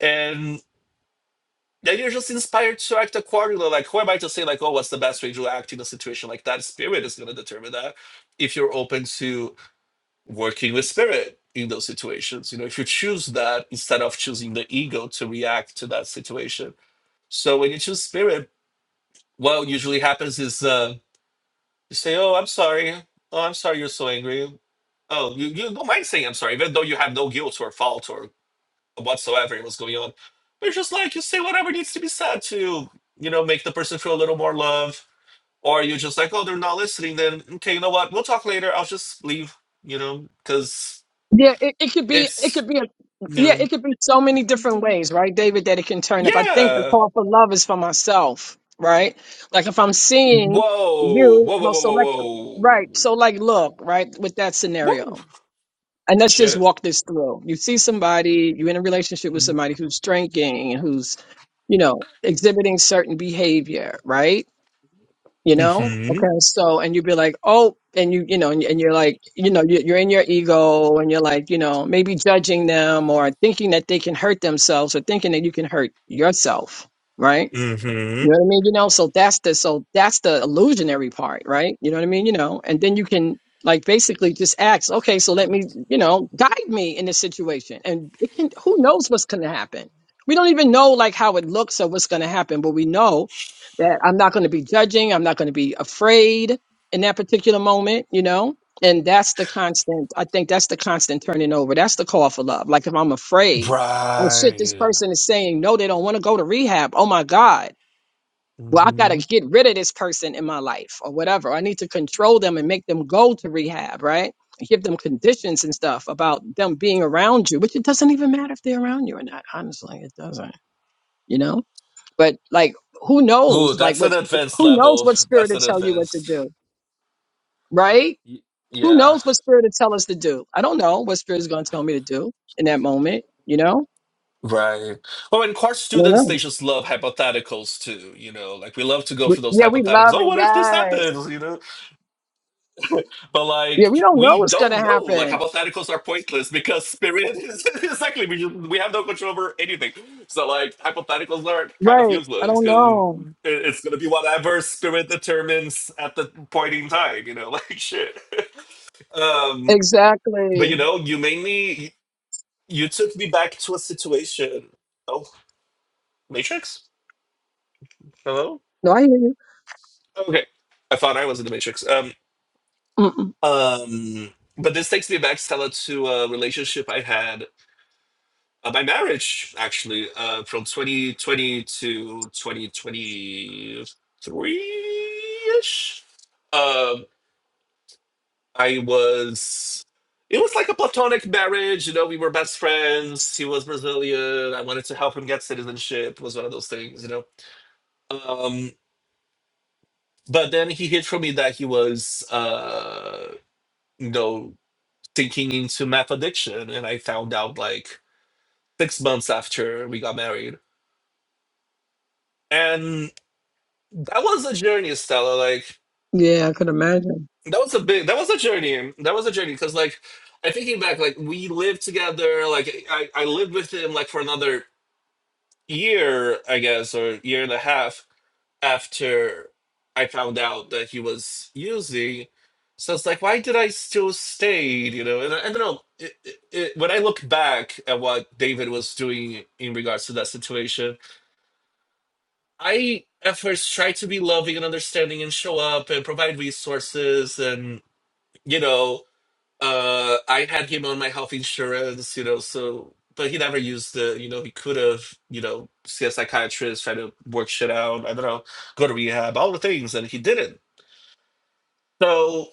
C: and. Yeah, you're just inspired to act accordingly. Like, who am I to say, like, oh, what's the best way to act in a situation like that? Spirit is going to determine that if you're open to working with spirit in those situations. You know, if you choose that instead of choosing the ego to react to that situation. So when you choose spirit, what usually happens is uh, you say, oh, I'm sorry. Oh, I'm sorry you're so angry. Oh, you, you don't mind saying I'm sorry, even though you have no guilt or fault or whatsoever it was going on. But it's just like you say whatever needs to be said to, you know, make the person feel a little more love. Or you just like, oh, they're not listening, then okay, you know what? We'll talk later. I'll just leave, you know, because
D: Yeah, it, it could be it
C: it's
D: could be a
C: you
D: yeah,
C: know
D: it could be so many different ways, right, David, that it can turn up. I think the
C: Yeah.
D: call for love is for myself, right? Like if I'm seeing
C: Whoa.
D: you,
C: Whoa, whoa,
D: well,
C: whoa,
D: so like right,
C: whoa,
D: so like look, right, with that
C: whoa. Whoa.
D: scenario. And let's just
C: Shit.
D: walk this through. You see somebody, you're in a relationship with somebody who's drinking, who's, you know, exhibiting certain behavior, right? you know
C: Mm-hmm.
D: okay so and you'd be like oh and you you know and, and you're like you know you- you're in your ego and you're like you know maybe judging them or thinking that they can hurt themselves or thinking that you can hurt yourself right you know
C: Mm-hmm.
D: what I mean? You know, so that's the so that's the illusionary part, right? You know what I mean? You know, and then you can like basically just ask, okay, so let me, you know, guide me in this situation. And it can who knows what's gonna happen. We don't even know like how it looks or what's gonna happen, but we know that I'm not gonna be judging, I'm not gonna be afraid in that particular moment, you know? And that's the constant I think that's the constant turning over. That's the call for love. Like if I'm afraid, oh shit, this
C: Right.
D: person is saying no, they don't want to go to rehab. Oh my God well, I got to
C: Mm-hmm.
D: get rid of this person in my life or whatever. I need to control them and make them go to rehab, right? Give them conditions and stuff about them being around you, which it doesn't even matter if they're around you or not. Honestly, it doesn't, you know? But like, who
C: Ooh,
D: knows? Like,
C: that's
D: what,
C: an advanced
D: who knows
C: level.
D: what spirit
C: That's
D: to
C: an
D: tell you what to
C: advanced.
D: do, right?
C: Y-
D: Who
C: yeah.
D: knows what spirit to tell us to do? I don't know what spirit is going to tell me to do in that moment, you know?
C: Right. Well, and course
D: I don't
C: students,
D: know.
C: they just love hypotheticals too, you know, like we love to go
D: But,
C: for those
D: yeah, we
C: hypotheticals.
D: love
C: Oh,
D: it.
C: what if this
D: guys.
C: happens, you know? But
D: Yeah, we
C: like,
D: don't know
C: we
D: what's going to
C: don't know. Like,
D: happen.
C: hypotheticals are pointless because spirit is exactly, we, just, we have no control over anything. So, like, hypotheticals are kind of
D: Right. I
C: useless
D: don't
C: because
D: know.
C: it's going to be whatever spirit determines at the point in time, you know, like shit. Um, but you
D: Exactly.
C: know, you mainly, you took me back to a situation. Oh, Matrix? Hello?
D: No, I hear you.
C: Okay. I thought I was in the Matrix. Um,
D: Mm-mm.
C: um, but this takes me back, Stella, to a relationship I had uh, by marriage, actually, uh, from 2020 to 2023-ish. Um, I was, it was like a platonic marriage. You know, we were best friends. He was Brazilian. I wanted to help him get citizenship. It was one of those things, you know. Um, but then he hid from me that he was, uh, you know. sinking into meth addiction and i found out like six months after we got married and that was a journey stella like
D: Yeah, I could imagine.
C: that was a big that was a journey that was a journey because like i thinking back like we lived together like i i lived with him like for another year i guess or year and a half after I found out that he was using. So it's like, why did I still stay? You know, and I, I don't know. It, it, it, when I look back at what David was doing in regards to that situation, I at first tried to be loving and understanding and show up and provide resources and you know uh i had him on my health insurance you know so but he never used the you know he could have you know see a psychiatrist try to work shit out i don't know go to rehab all the things and he didn't so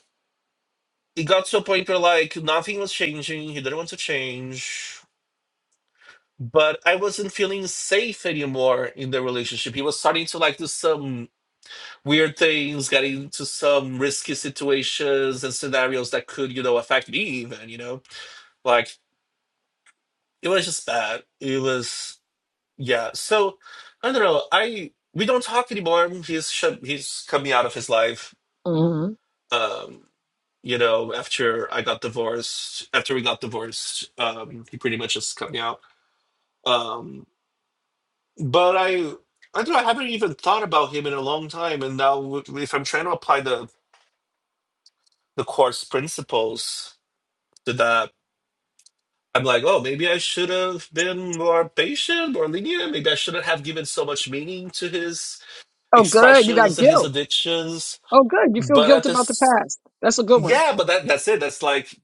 C: it got to a point where like nothing was changing he didn't want to change but i wasn't feeling safe anymore in the relationship he was starting to like do some weird things getting into some risky situations and scenarios that could you know affect me even you know like it was just bad. It was yeah. So I don't know. I we don't talk anymore. He's sh- he's coming out of his life.
D: hmm
C: Um, you know, after I got divorced, after we got divorced, um, he pretty much just coming out. Um, but I I don't know. I haven't even thought about him in a long time. And now, if I'm trying to apply the the course principles to that. I'm like, oh, maybe I should have been more patient, more lenient. Maybe I shouldn't have given so much meaning to his
D: Oh, good. You got
C: expressions and his
D: guilt.
C: addictions.
D: Oh, good. You feel
C: But
D: guilt
C: at
D: about the
C: this,
D: past. That's a good one.
C: yeah, but that that's it. That's like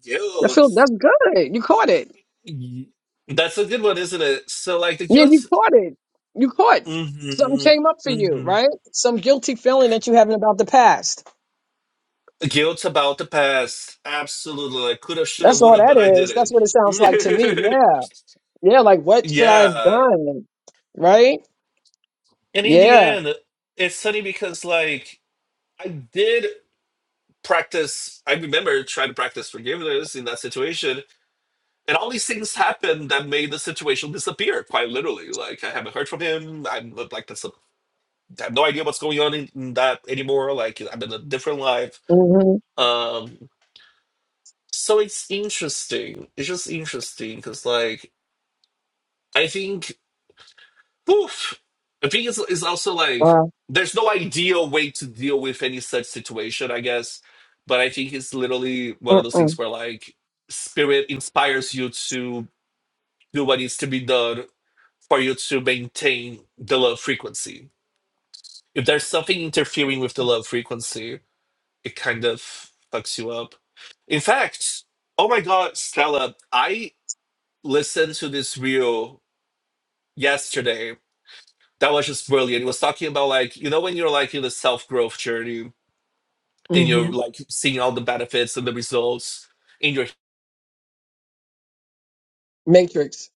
D: I
C: guilt.
D: feel that's good. You caught it.
C: Y- That's a good one, isn't it? So like the
D: Yeah, you
C: guilt,
D: caught it. You caught. Something
C: hmm
D: came up for you,
C: hmm
D: right? Some guilty feeling that you having about the past.
C: guilt about the past. Absolutely, I could have, should have,
D: That's
C: would
D: all
C: have,
D: that
C: but I
D: is. That's
C: didn't.
D: what it sounds like to me. Yeah. Yeah. Like, what should I have
C: yeah,
D: done? Right?
C: and in the
D: Yeah.
C: end, it's funny because like I did practice. I remember trying to practice forgiveness in that situation, and all these things happened that made the situation disappear quite literally like i haven't heard from him i'm uh, like that's a, i have no idea what's going on in, in that anymore like i'm in a different life
D: Mm-hmm.
C: um so it's interesting it's just interesting because like i think poof i think it's, it's also like
D: Wow.
C: there's no ideal way to deal with any such situation i guess but i think it's literally one of those things
D: Mm-mm.
C: where like spirit inspires you to do what needs to be done for you to maintain the low frequency. If there's something interfering with the low frequency, it kind of fucks you up. In fact, oh my god, Stella, I listened to this reel yesterday that was just brilliant. It was talking about like, you know, when you're like in the self-growth journey and
D: Mm-hmm.
C: you're like seeing all the benefits and the results and your
D: Matrix.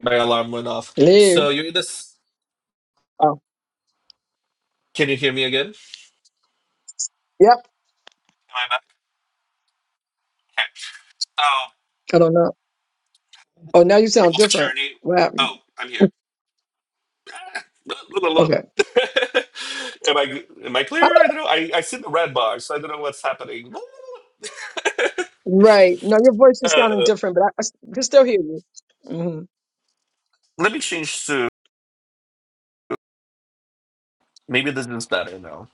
C: my alarm went off. So
D: Hello.
C: you're in this
D: Oh,
C: can you hear me again? Am
D: yep.
C: I back? Okay. Oh,
D: I don't know. Oh, now you sound
C: growth
D: different.
C: journey.
D: What happened?
C: Oh, I'm here.
D: Okay.
C: am I am I
D: I-
C: clear? I don't know. I, I see the red bar, so I don't know what's happening.
D: Right. No, your voice is sounding
C: uh,
D: different, but I, I s- can still hear you. Mm-hmm.
C: let me change to maybe this is better now.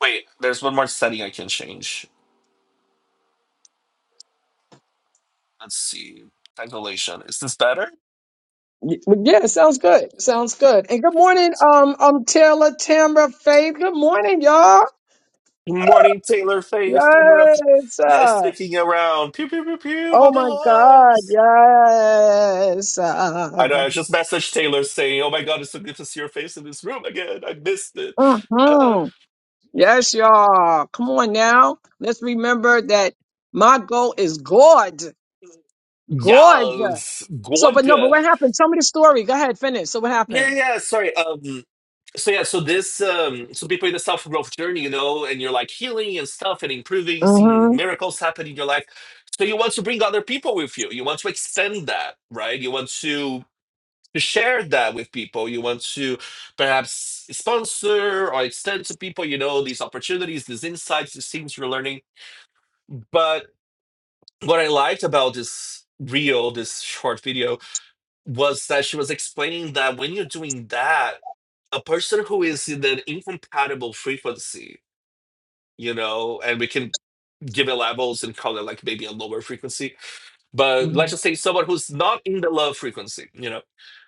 C: Wait, there's one more setting I can change. Let's see. Tangulation. Is this better?
D: yeah, it sounds good. sounds good. And good morning, um, um, Taylor, Tamra, Faith. Good morning, y'all.
C: Good morning, Taylor Faith, Tamara. F-
D: Yes.
C: Yes,
D: uh,
C: sticking around. Pew pew pew pew. All
D: oh
C: the
D: my God.
C: loves.
D: Yes.
C: I know.
D: Uh,
C: I just messaged Taylor saying, "Oh my God, it's so good to see your face in this room again. I missed it." Uh,
D: hmm Yes, y'all. Come on now. Let's remember that my goal is God. God.
C: yes,
D: So, but no, but
C: Gwanda.
D: what happened? Tell me the story. Go ahead, finish. So, what
C: Yeah, yeah,
D: happened?
C: yeah, sorry. Um, so yeah, so this, um, so people in the self growth journey, you know, and you're like healing and stuff and improving, seeing
D: hmm
C: miracles happen in your life. So you want to bring other people with you. You want to extend that, right? You want to to share that with people. You want to perhaps sponsor or extend to people, you know, these opportunities, these insights, these things you're learning. But what I liked about this reel, this short video, was that she was explaining that when you're doing that, a person who is in an incompatible frequency, you know, and we can give it levels and call it like maybe a lower frequency, but let's just say someone who's not in the love frequency, you know,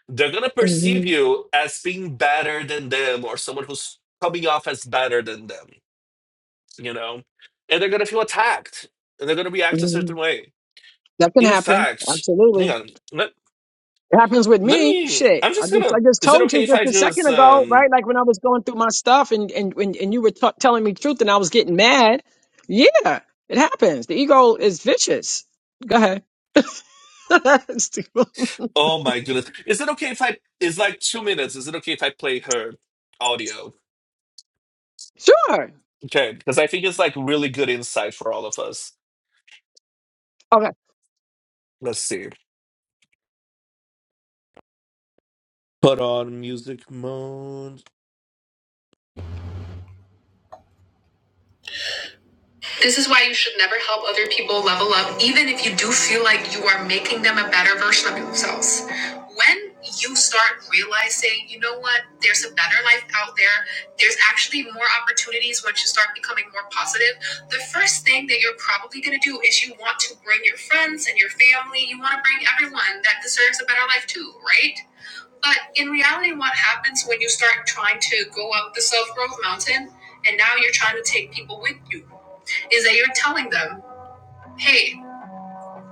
C: they're gonna perceive
D: hmm
C: you as being better than them or someone who's coming off as better than them, you know, and they're gonna feel attacked and they're gonna react a
D: hmm
C: certain way.
D: That can
C: In
D: happen.
C: fact, hang
D: Absolutely.
C: on, let,
D: It happens with
C: Let
D: me.
C: me.
D: Shit.
C: I'm
D: I
C: just
D: just, I
C: gonna.
D: just
C: Is it
D: told
C: okay
D: you
C: if
D: just
C: I
D: a second
C: just?
D: ago,
C: um
D: right? Like when I was going through my stuff and, and, and, and you were t- telling me truth and I was getting mad. Yeah, it happens. The ego is vicious. Go ahead.
C: Oh my goodness. Is it okay if I? It's like two minutes. Is it okay if I play her audio?
D: sure.
C: Okay, because I think it's like really good insight for all of us.
D: Okay.
C: Let's see. Put on music mode. This is why you should never help other people level up, even if you do feel like you are making them a better version of themselves. When you start realizing, you know what, there's a better life out there, there's actually more opportunities once you start becoming more positive. The first thing that you're probably going to do is you want to bring your friends and your family, you want to bring everyone that deserves a better life too, right? But in reality, what happens when you start trying to go up the self growth mountain and now you're trying to take people with you? is that you're telling them, hey,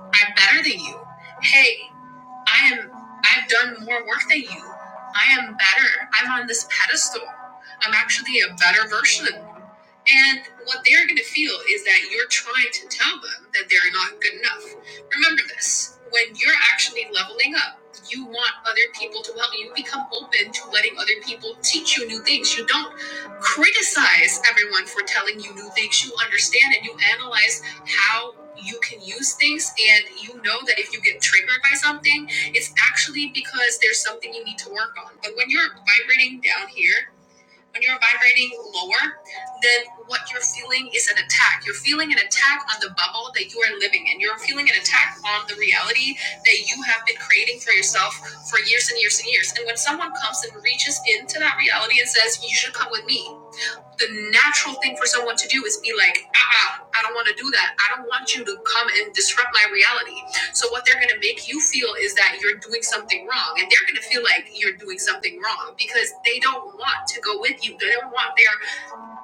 C: I'm better than you. Hey, I am I've done more work than you. I am better. I'm on this pedestal. I'm actually a better version of you. And what they're going to feel is that you're trying to tell them that they're not good enough. Remember this when you're actually leveling up, you want other people to help you become open to letting other people teach you new things. You don't criticize everyone for telling you new things. You understand and you analyze how you can use things. And you know that if you get triggered by something, it's actually because there's something you need to work on. But when you're vibrating down here, when you're vibrating lower, then what you're feeling is an attack. You're feeling an attack on the bubble that you are living in. You're feeling an attack on the reality that you have been creating for yourself for years and years and years. And when someone comes and reaches into that reality and says, You should come with me, the natural thing for someone to do is be like, "Ah, I don't want to do that. I don't want you to come and disrupt my reality. So what they're gonna make you feel is that you're doing something wrong, and they're gonna feel like you're doing something wrong because they don't want to go with you. They don't want their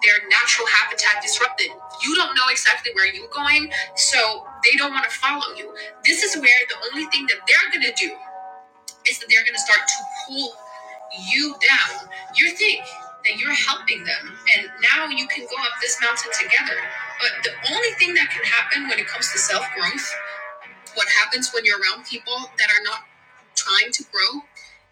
C: their natural habitat disrupted. You don't know exactly where you're going, so they don't want to follow you. This is where the only thing that they're gonna do is that they're going to start to pull you down. You think that you're helping them, and now you can go up this mountain together. But the only thing that can happen when it comes to self growth, what happens when you're around people that are not time to grow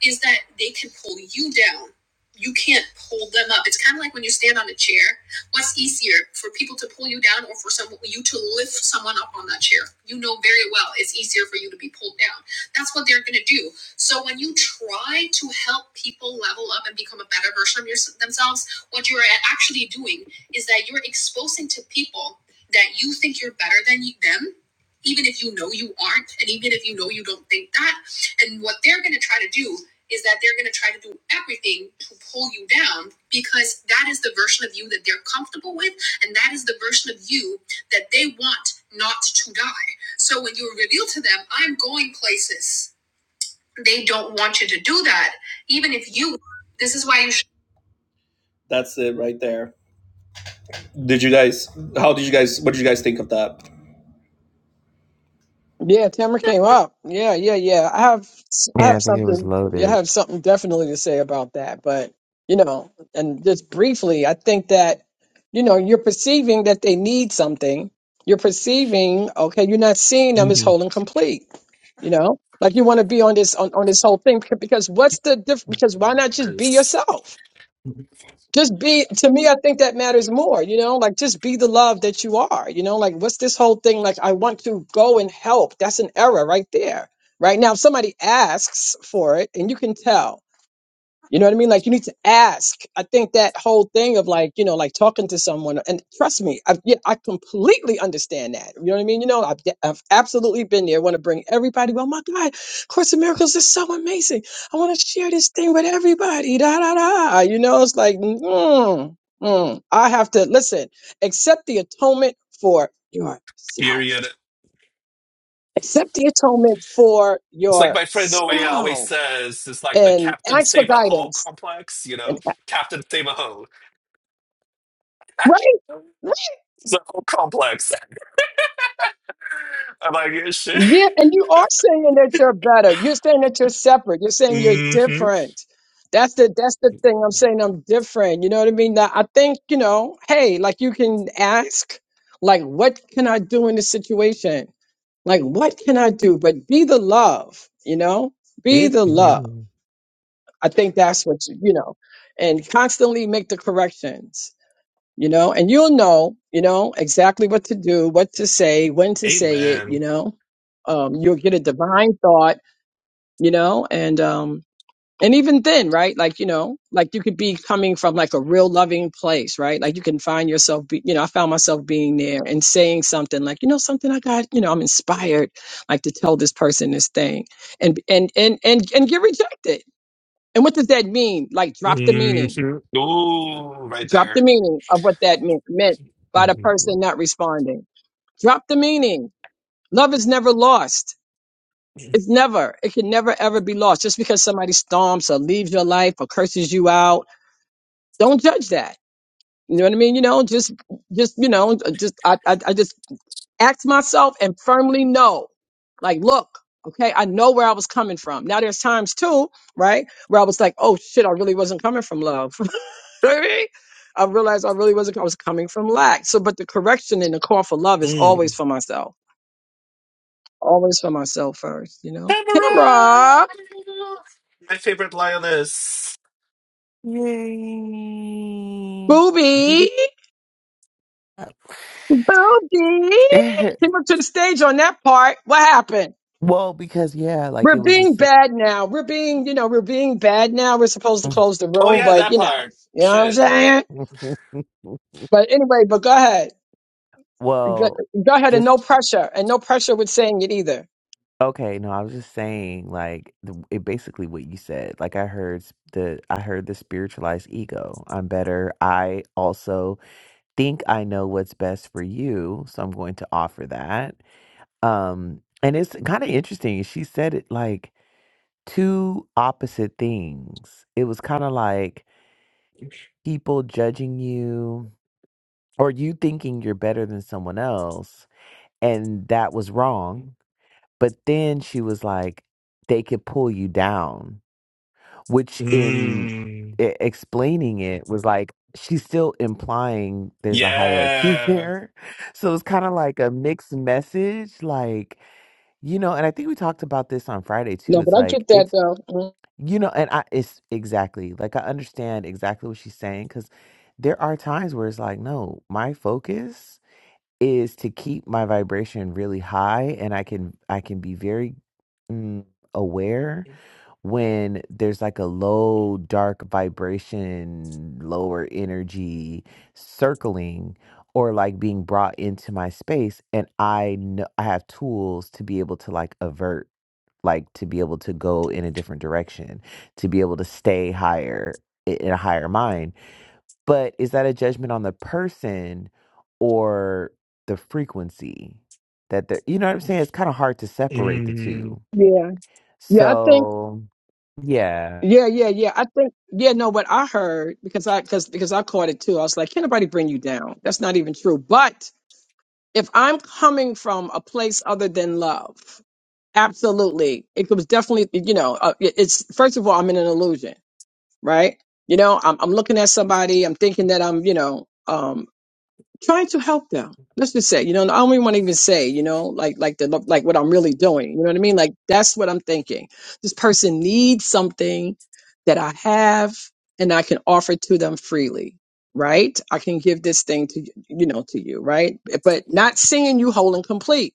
C: is that they can pull you down. You can't pull them up. It's kind of like when you stand on a chair. What's easier for people to pull you down or for someone you to lift someone up on that chair? You know very well it's easier for you to be pulled down. That's what they're going to do. So when you try to help people level up and become a better version of yours themselves, what you're actually doing is that you're exposing to people that you think you're better than you- them even if you know you aren't and even if you know you don't think that and what they're going to try to do is that they're going to try to do everything to pull you down because that is the version of you that they're comfortable with. And that is the version of you that they want not to die. So when you reveal to them, I'm going places, they don't want you to do that. Even if you, this is why you should. That's it right there. Did you guys, how did you guys, what did you guys think of that?
D: Yeah, Tamara came up. Yeah, yeah, yeah. I have, I
E: Yeah,
D: have
E: I think it was
D: something. Yeah, I
E: loaded.
D: have something definitely to say about that. But you know, and just briefly, I think that you know you're perceiving that they need something. You're perceiving, okay, you're not seeing them as
C: Mm-hmm.
D: whole and complete. You know, like you want to be on this on, on this whole thing because what's the diff? Because why not just be
C: Yes.
D: yourself? just be to me i think that matters more you know like just be the love that you are you know like what's this whole thing like i want to go and help that's an error right there right now if somebody asks for it and you can tell you know what I mean? Like you need to ask. I think that whole thing of like, you know, like talking to someone and trust me, I yeah, I completely understand that. You know what I mean? You know, I've, I've absolutely been there. want to bring everybody. Oh my God, Course in Miracles is so amazing. I want to share this thing with everybody. Da da da. You know, it's like, mm, mm. I have to listen, accept the atonement for yourself.
C: Period.
D: Accept the atonement for
C: It's like my friend always uh, always
D: yourself
C: says, it's like the
D: and
C: Captain
D: ask for
C: Save a Hole
D: guidance.
C: complex, you
D: And
C: know? Captain Save a Hole.
D: right?
C: it's a whole complex. I'm like, yeah, shit.
D: Yeah, and you are saying that you're better. You're saying that you're separate. You're saying you're
C: hmm
D: different. That's the that's the thing. I'm saying I'm different. You know what I mean? Now, I think, you know, hey, like you can ask, like, what can I do in this situation? Like, what can I do? But be the love, you know? Be the love.
C: hmm
D: I think that's what you, you know, and constantly make the corrections you know, and you'll know, you know, exactly what to do, what to say, when to say it, you
C: Amen.
D: know. Um, you'll get a divine thought, you know, and um and even then, right? Like, you know, like you could be coming from like a real loving place, right? Like you can find yourself, be, you know, I found myself being there and saying something like, you know, something I got, you know, I'm inspired like to tell this person this thing and, and, and, and, and get rejected. And what does that mean? Like drop the meaning
C: Mm-hmm. Ooh, right
D: Drop the
C: there.
D: meaning of what that meant, meant by the
C: hmm
D: person not responding. Drop the meaning. Love is never lost. It's never, it can never ever be lost. Just because somebody storms or leaves your life or curses you out, don't judge that. You know what I mean? You know, just, just, you know, uh, just, I, I, I just ask myself and firmly know, like, look, okay, I know where I was coming from. Now there's times too, right? Where I was like, oh shit, I really wasn't coming from love. know what I mean? I realized I really wasn't, I was coming from lack. So, but the correction and the call for love is
C: mm
D: always for myself, always for myself first, you know?
C: Tamara!
D: Tamra,
C: My favorite lioness.
E: Yay.
C: Mhm.
D: booby, booby.
E: Eh,
D: Came up to the stage on that part. What happened?
E: well, because yeah, like
D: We're
E: it was a
D: being
E: sa-
D: bad now. We're being, you know, we're being bad now. We're supposed to close the
C: Oh,
D: room,
C: yeah,
D: but
C: that
D: you know,
C: part.
D: you know what I'm
C: Shit.
D: saying? But anyway, but go ahead. Go,
E: Well,
D: go ahead and
E: just
D: no pressure and no pressure with saying it either.
E: okay, no, I was just saying like the, it basically what you said. Like I heard s- the I heard the spiritualized ego. I'm better. I also think I know what's best for you, so I'm going to offer that. Um and it's kind of interesting. She said it like 2 opposite things. It was kinda like people judging you or you thinking you're better than someone else, and that was wrong. But then she was like, they could pull you down, which in
C: Mm.
E: e explaining it was like, she's still implying there's a hierarchy
C: Yeah.
E: there. So it's kinda like a mixed message, like, you know and I think we talked about this on Friday too.
D: No, but
E: It's
D: I
E: like,
D: get
E: it's
D: that though.
E: You know, and I it's exactly like I understand exactly what she's saying because there are times where it's like, no, my focus is to keep my vibration really high, and I can I can be very mm, aware when there's like a low, dark vibration, lower energy circling or like being brought into my space, and I know I have tools to be able to like avert like to be able to go in a different direction, to be able to stay higher i- in a higher mind. But is that a judgment on the person or the frequency that they're, you know what I'm saying? It's kind of hard to separate the two.
D: Mm, Yeah, yeah, I think,
E: So, yeah.
D: yeah, yeah, yeah. I think, yeah, no, but I heard because I because because I caught it too. I was like, can not nobody bring you down? That's not even true. But if I'm coming from a place other than love, absolutely, it was definitely, you know, uh, it- it's first of all, I'm in an illusion, right? You know, I'm I'm looking at somebody, I'm thinking that I'm, you know. um, trying to help them. Let's just say, you know, and I don't even want to even say, you know, like like the like what I'm really doing. You know what I mean? Like that's what I'm thinking. This person needs something that I have and I can offer to them freely, right? I can give this thing to you, you know, to you, right? But not seeing you whole and complete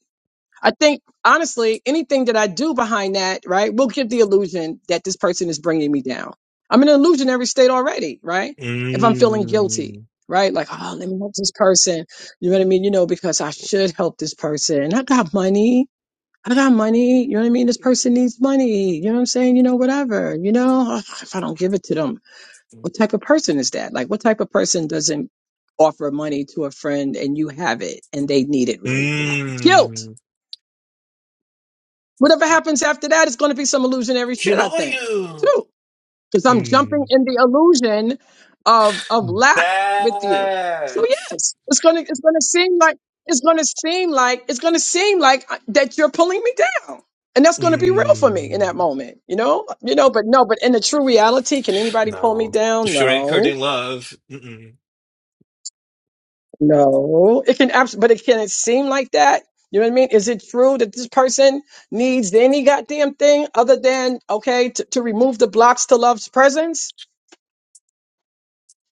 D: I think honestly, anything that I do behind that, right, will give the illusion that this person is bringing me down. I'm in an illusionary state already, right? If I'm feeling guilty,
C: Mm.
D: right? Like, oh, let me help this person. You know what I mean? You know, because I should help this person. I got money. I got money. You know what I mean? This person needs money. You know what I'm saying? You know, whatever. You know, Ugh, if I don't give it to them, what type of person is that? Like, what type of person doesn't offer money to a friend and you have it and they need it really bad? Guilt
C: Mm.
D: Whatever happens after that is going to be some illusionary
C: You
D: shit, I
C: know
D: think,
C: you
D: too, because I'm jumping
C: Mm.
D: in the illusion of of lack with you. So
C: bad.
D: yes, it's gonna it's gonna seem like it's gonna seem like it's gonna seem like uh, that you're pulling me down, and that's gonna be real for me in that
C: Mm.
D: moment, you know, you know. But no, but in the true reality, can anybody pull me
C: No.
D: down?
C: If you're anchored
D: No
C: in love, Mm-mm.
D: No, it can abs- but it can it seem like that? You know what I mean? Is it true that this person needs any goddamn thing other than okay to, to remove the blocks to love's presence?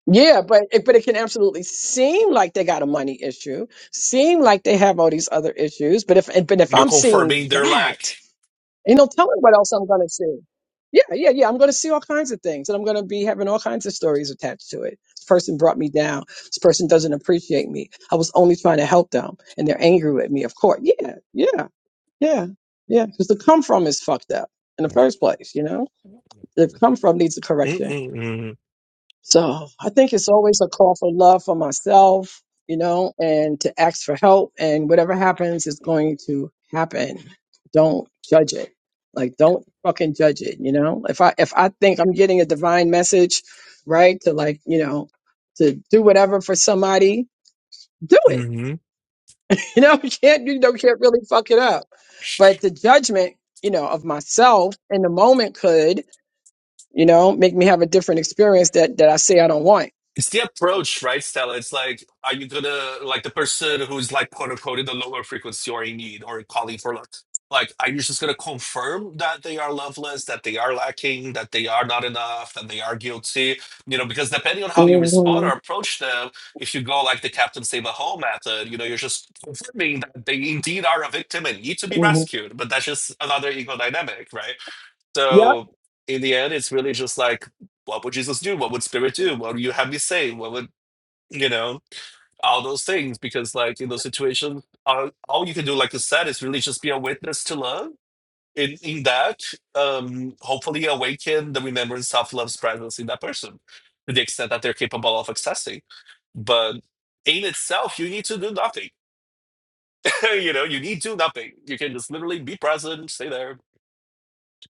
D: Yeah, but it, but it can absolutely seem like they got a money issue, seem like they have all these other issues. But if but if
C: you're
D: I'm seeing
C: confirming their lack.
D: that. Ain't no telling what else I'm gonna see. Yeah, yeah, yeah. I'm gonna see all kinds of things, and I'm gonna be having all kinds of stories attached to it. This person brought me down. This person doesn't appreciate me. I was only trying to help them, and they're angry with me. Of course. Yeah, yeah, yeah, yeah. Because the come from is fucked up in the
E: Yeah.
D: first place. You know, the come from needs a correction.
C: Mm-mm.
D: So I think it's always a call for love for myself, you know, and to ask for help. And whatever happens is going to happen. Don't judge it. Like, don't fucking judge it. You know, if I if I think I'm getting a divine message, right, to like, you know, to do whatever for somebody, do it. You know, you can't you don't can't really fuck it up. But the judgment, you know, of myself in the moment could, you know, make me have a different experience that that I say I don't want.
C: It's the approach, right, Stella? It's like, are you gonna like the person who's like quote unquote in the lower frequency or in need or calling for love? Like, are you just gonna confirm that they are loveless, that they are lacking, that they are not enough, that they are guilty? You know, because depending on how you respond or approach them, if you go like the Captain Save a Hole method, you know, you're just confirming that they indeed are a victim and need to be
D: hmm
C: rescued. But that's just another ego dynamic, right?
D: Yep.
C: So in the end, it's really just like, what would Jesus do? What would Spirit do? What would you have me say? What would you know? All those things, because like in those situations, all, all you can do, like you said, is really just be a witness to love. In in that, um, hopefully awaken the remembrance of love's presence in that person to the extent that they're capable of accessing. But in itself, you need to do nothing. you know, you need to do nothing. You can just literally be present, stay there,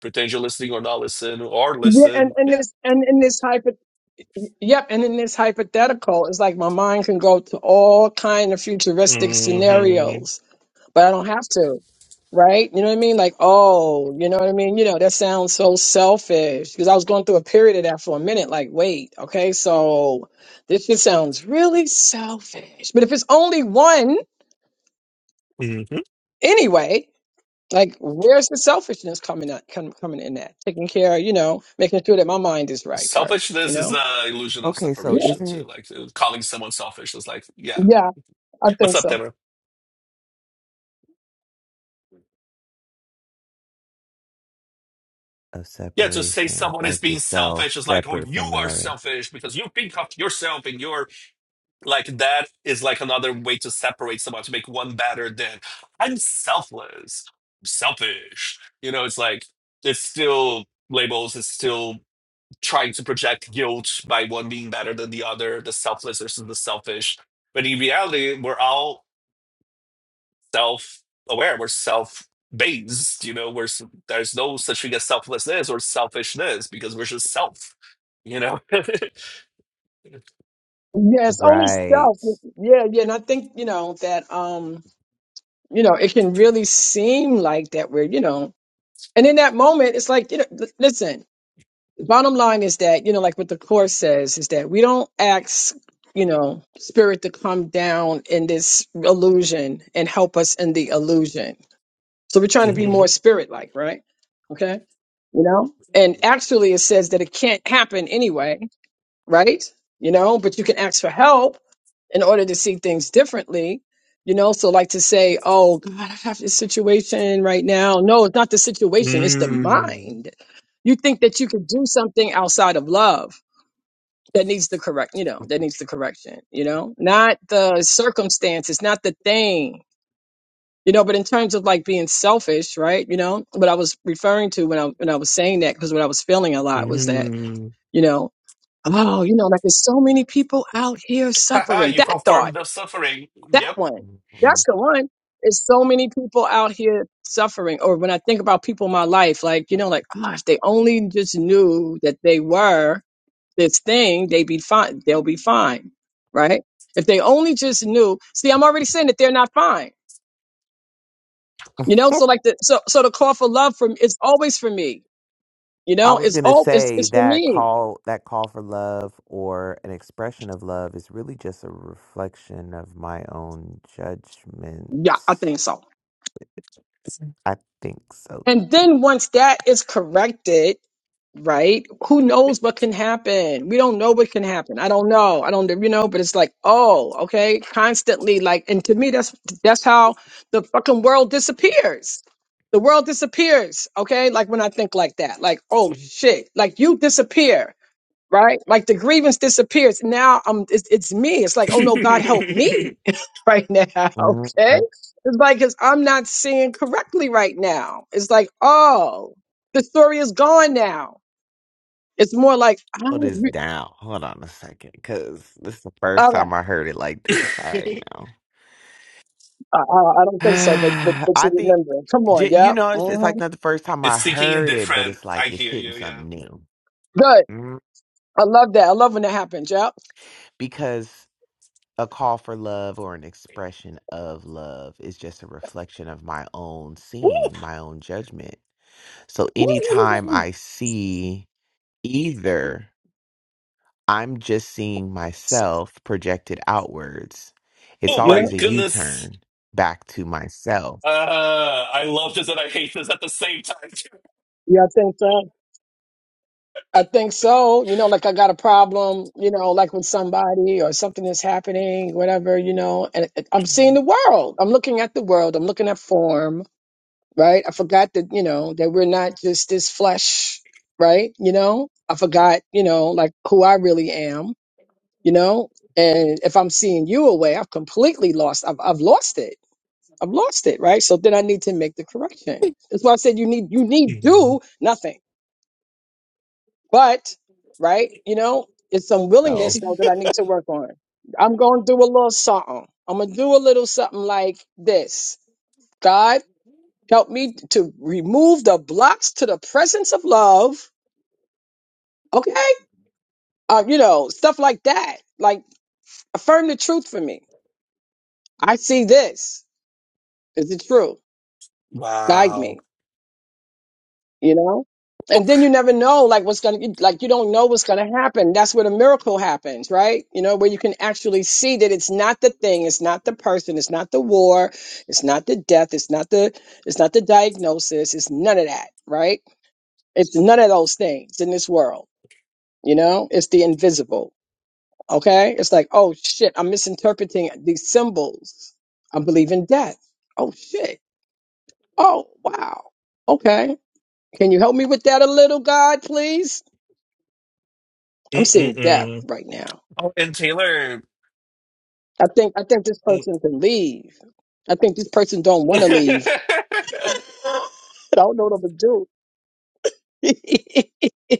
C: pretend you're listening or not listen or
D: Yeah, and
C: listen.
D: and
C: Yeah.
D: this and in this hypo yep, and in this hypothetical, it's like my mind can go to all kind of futuristic
C: hmm
D: scenarios. but I don't have to, right? You know what I mean? Like, oh, you know what I mean? You know, that sounds so selfish because I was going through a period of that for a minute. Like, wait, okay, so this just sounds really selfish. But if it's only one
C: hmm
D: anyway, like, where's the selfishness coming up, come, coming in that? Taking care, you know, making sure that my mind is right first, you
C: Selfishness is
D: know?
C: the illusion of
E: Okay. So,
D: Yeah,
C: separation
E: isn't
C: too.
E: it
C: Like uh, calling someone selfish is like, yeah,
D: yeah, I
C: what's
D: think
C: up,
D: so.
C: Deborah?
E: a
C: Yeah, to say
E: separation,
C: someone is
E: like the
C: being
E: self
C: selfish is like, oh,
E: separate
C: you
E: from
C: are
E: another?
C: selfish because you think of yourself and you're like that is like another way to separate someone to make one better than I'm selfless, selfish. You know, it's like it's still labels. It's still trying to project guilt by one being better than the other, the selfless versus the selfish. But in reality, we're all self aware, we're self based, you know, we're, s- there's no such thing as selflessness or selfishness because we're just self, you know?
D: Yeah, it's only
E: Right.
D: self. Yeah, yeah, and I think you know that um you know, it can really seem like that we're, you know, And in that moment, it's like, you know, l- listen, the bottom line is that, you know, like what the Course says is that we don't ask, you know, spirit to come down in this illusion and help us in the illusion. So we're trying to be
C: Mhm.
D: more spirit like, right? Okay. You know? And actually, it says that it can't happen anyway right? You know, but you can ask for help in order to see things differently. You know, so like to say, oh, God, I have this situation right now. No, it's not the situation, it's the
C: Mm.
D: mind. You think that you could do something outside of love that needs the correct, you know, that needs the correction, you know, not the circumstances, not the thing, you know, but in terms of like being selfish, right? You know, what I was referring to when I, when I was saying that, because what I was feeling a lot was that,
C: Mm.
D: you know. Oh, you know, like there's so many people out here
C: Haha,
D: suffering.
C: you
D: That
C: confirm
D: thought,
C: the suffering.
D: that
C: Yep.
D: one, that's
E: Mhm.
D: the one. There's so many people out here suffering. Or when I think about people in my life, like, you know, like, gosh, they only just knew that they were this thing, they'd be fine. They'll be fine. Right. If they only just knew, see, I'm already saying that they're not fine. You know, so like the so so the call for love from it's always for me. You
E: I
D: know,
E: was
D: it's
E: gonna
D: all it's
E: say
D: it's for
E: that
D: me.
E: call that call for love or an expression of love is really just a reflection of my own judgment.
D: Yeah, I think so.
E: I think so
D: And
E: too.
D: then once that is corrected, right? Who knows what can happen? We don't know what can happen. I don't know. I don't, you know, but it's like, oh, okay, constantly like, and to me, that's that's how the fucking world disappears. The world disappears, okay? Like when I think like that, like, oh shit, like you disappear right? Like the grievance disappears. Now I'm it's, it's me. It's like, oh no, God help
C: it's
D: me right now.
E: Mm-hmm.
D: Okay. It's like because I'm not seeing correctly right now. It's like, oh, the story is gone now. It's more like I
E: slow this
D: don't re-
E: down. Hold on a second, because this is the first
D: all that.
E: time I heard it like this. All right, now.
D: I, I, I don't think so, but but but you
E: I think,
D: remember. Come on,
E: j- you
D: yeah.
E: know, it's, it's
D: hmm
E: like not the first time I
C: thinking
E: heard it, but
C: indifferent.
E: it's
C: I
E: like it's
C: hear
E: hitting
C: you, yeah.
E: something new.
D: Good.
E: Mm.
D: I love that. I love when that happens. Yeah.
E: Because a call for love or an expression of love is just a reflection of my own seeing, my own judgment. So anytime I see either. I'm just seeing
D: So-
E: myself projected outwards. It's
C: Oh
D: Yeah.
C: my
E: always a U
C: goodness.
E: turn back to myself.
C: Uh, I love this and I hate this at the same time.
D: Yeah, I think so. I think so. You know, like I got a problem, you know, like with somebody or something is happening, whatever, you know, and it- I'm seeing the world. I'm looking at the world. I'm looking at form, right? I forgot that, you know, that we're not just this flesh, right? You know, I forgot, you know, like who I really am, you know, and if I'm seeing you away, I've completely lost, I've, I've lost it. I've lost it, right? So then I need to make the correction. That's why I said you need, you need
C: Mhm.
D: do nothing but, right, you know, it's some
E: No,
D: willingness though that I need to work on. I'm going to do a little something. I'm going to do a little something like this. God, help me to remove the blocks to the presence of love. Okay. Uh, you know, stuff like that. Like, affirm the truth for me. I see this. Is it true? Guide me.
C: Wow.
D: you know and then you never know like what's gonna like you don't know what's gonna happen that's where the miracle happens right you know where you can actually see that it's not the thing it's not the person it's not the war it's not the death it's not the it's not the diagnosis it's none of that right it's none of those things in this world you know it's the invisible okay it's like oh shit i'm misinterpreting these symbols i'm believing death oh shit oh wow okay can you help me with that a little, God, please? I'm seeing death
C: Mm-mm-mm.
D: right now.
C: Oh, and Taylor.
D: I think I think this person can leave. I think this person don't want to
C: Mm.
D: leave. I don't know what to do.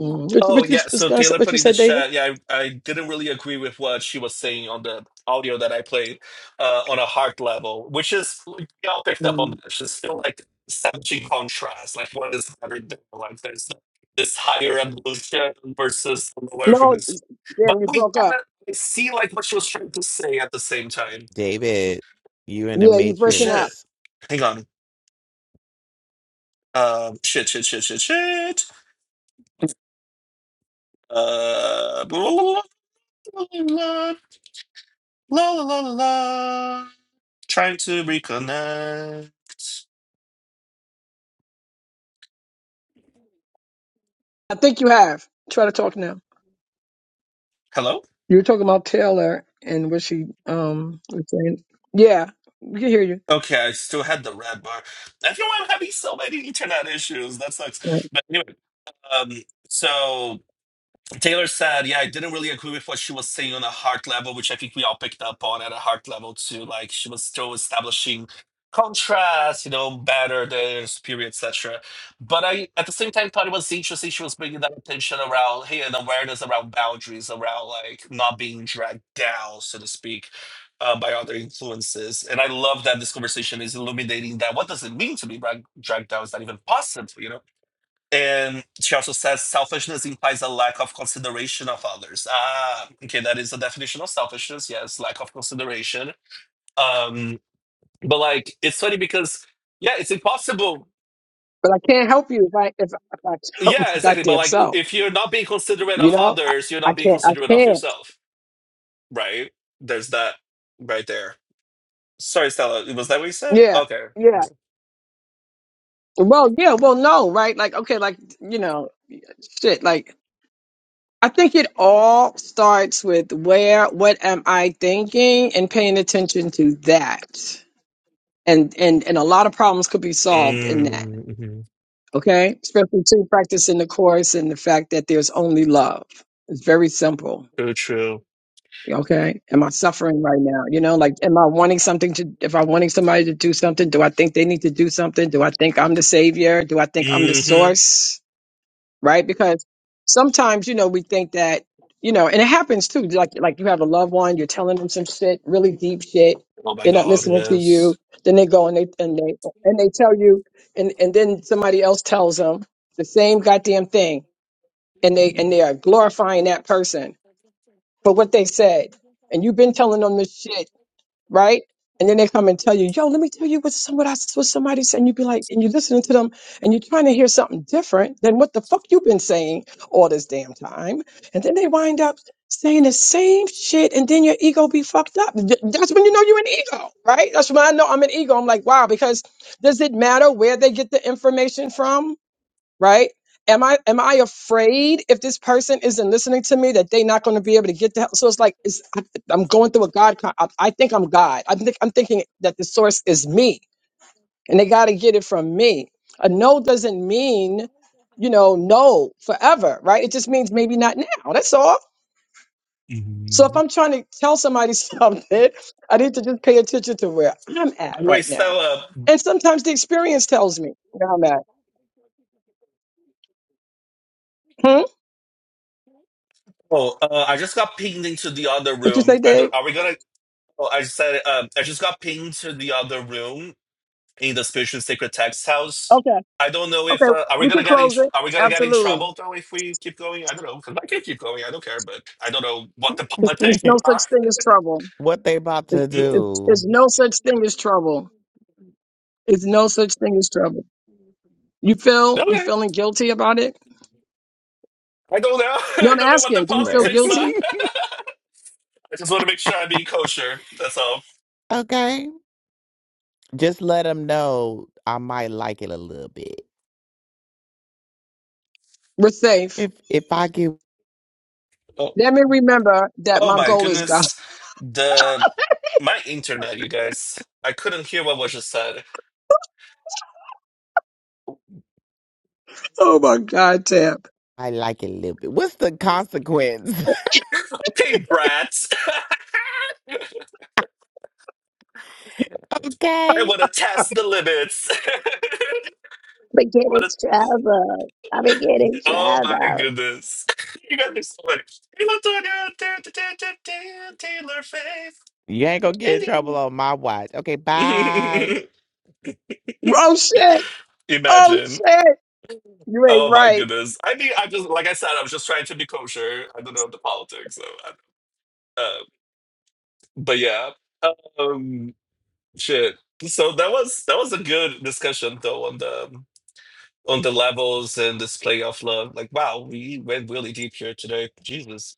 D: Mm. what, you-
C: Oh
D: what you
C: yeah,
D: was
C: so
D: gonna say,
C: Taylor
D: what
C: put
D: you
C: in the
D: said, David?
C: chat. Yeah, I, I didn't really agree with what she was saying on the audio that I played uh, on a heart level, which is like, y'all picked up on
D: Mm.
C: that. It's just still like establishing contrast, like what is better there? Like there's this higher evolution versus the lower
D: No,
C: evolution. But
D: damn, you
C: we
D: broke
C: kind
D: up.
C: of see like what she was trying to say at the same time.
E: David, you in the
D: Yeah, you're
C: Oh
D: breaking up.
C: shit!
E: Matrix.
C: Hang on. Um, shit, shit, shit, shit, shit. Uh, La la la la la. Trying to reconnect.
D: I think you have. Try to talk now.
C: Hello?
D: You were talking about Taylor and what she um was saying. Yeah, we can hear you.
C: Okay, I still had the red bar. I feel I'm having so many internet issues. That sucks.
D: Right.
C: But anyway, um, so Taylor said, yeah, I didn't really agree with what she was saying on a heart level, which I think we all picked up on at a heart level too. Like she was still establishing contrast, you know, better than superior, etc. But I, at the same time, thought it was interesting she was bringing that attention around, hey, an awareness around boundaries, around like not being dragged down, so to speak, uh, by other influences. And I love that this conversation is illuminating that. What does it mean to be drag- dragged down? Is that even possible? You know? And she also says selfishness implies a lack of consideration of others. Ah, okay, that is the definition of selfishness. Yes, lack of consideration. Um, but like, it's funny because yeah, it's impossible.
D: But I can't help you if I if, if I help my
C: Yeah, exactly. But
D: goddamn
C: like,
D: self.
C: if you're not being considerate
D: You
C: of
D: know, I,
C: others, you're
D: I
C: not being
D: can't. I
C: considerate of
D: can't.
C: yourself, right? There's that right there. Sorry, Stella. Was that what you said?
D: Yeah,
C: Okay.
D: yeah. Well, yeah, well, no, right? Like, okay, like, you know, shit, like, I think it all starts with where, what am I thinking and paying attention to that. And, and, and a lot of problems could be solved in that.
C: Mm-hmm.
D: Okay. Especially to practicing the course and the fact that there's only love. It's very simple.
C: True. True.
D: Okay. Am I suffering right now? You know, like, am I wanting something to, if I'm wanting somebody to do something, do I think they need to do something? Do I think I'm the savior? Do I think I'm the
C: hmm
D: source? right? Because sometimes, you know, we think that, you know, and it happens too. Like, like you have a loved one, you're telling them some shit, really deep shit.
C: Oh my
D: They're not
C: God.
D: listening to
C: Yes.
D: you. Then they go and they and they and they tell you, and and then somebody else tells them the same goddamn thing, and they and they are glorifying that person for what they said, and you've been telling them this shit right? And then they come and tell you, yo, let me tell you what somebody what somebody said. And you be like, and you're listening to them and you're trying to hear something different than what the fuck you've been saying all this damn time. And then they wind up saying the same shit and then your ego be fucked up. Th- That's when you know you're an ego, right? That's when I know I'm an ego. I'm like, wow, because does it matter where they get the information from? right? Am I am I afraid if this person isn't listening to me that they're not going to be able to get the help? So it's like it's, I, I'm going through a God. Con- I, I think I'm God. I think I'm thinking that the source is me, and they got to get it from me. A no doesn't mean, you know, no forever, right? It just means maybe not now. That's all. So if
C: Mhm.
D: I'm trying to tell somebody something, I need to just pay attention to where I'm at
C: By
D: right now.
C: Stella.
D: And sometimes the experience tells me where I'm at. Hmm?
C: Oh, uh, I just got pinged into the other
D: What you say,
C: room. I
D: Dave?
C: don't, are we gonna? Oh, I said um, I just got pinged to the other room in the spiritual sacred text house.
D: Okay.
C: I don't know
D: Okay,
C: if uh, are we
D: we can
C: gonna get in?
D: close it.
C: Are we gonna get in
D: Absolutely.
C: trouble though if we keep going? I don't know because I can keep going. I don't care, but I don't know what the
D: It's, there's
C: politics
D: no such
C: are.
D: thing as trouble.
E: what they about
D: It,
E: to
C: Hmm?
D: it's, it's
E: do,
D: no such thing as trouble. It's no such thing as trouble. You feel you
C: Okay,
D: feeling guilty about it?
C: I don't know.
D: No,
C: I
D: I'm
C: don't know what the
D: asking. Do you feel
E: Taylor?
C: politics are.
D: guilty?
C: I just want to make sure I'm being kosher. That's all.
E: okay, just let them know I might like it a little bit.
D: We're safe.
E: If if I get,
C: Oh,
D: Let me remember that
C: oh
D: my
C: my
D: goal is God.
C: goodness, the my internet, you guys. I couldn't hear what was just said.
D: Oh my God, Tab.
E: I like it a little bit. What's the consequence?
C: Hey, brats! I
E: okay,
C: want to test the limits. I
D: But getting
C: want to.
D: trouble. I've been getting
C: Oh my
D: trouble.
C: goodness! You guys are so funny. Hey, Latonya, da- da- da- da- da- Taylor Faith,
E: you ain't gonna get in trouble
C: Ellie.
E: on my watch. Okay, bye.
D: Oh shit. Oh
C: Imagine.
D: shit. You ain't
C: Oh my
D: right.
C: goodness. I mean, I just like I said, I was just trying to be kosher. I don't know the politics, so. I, uh, but yeah. Um. Shit. So that was that was a good discussion though on the um, on the levels and this playoff love. Like, wow, we went really deep here today. Jesus.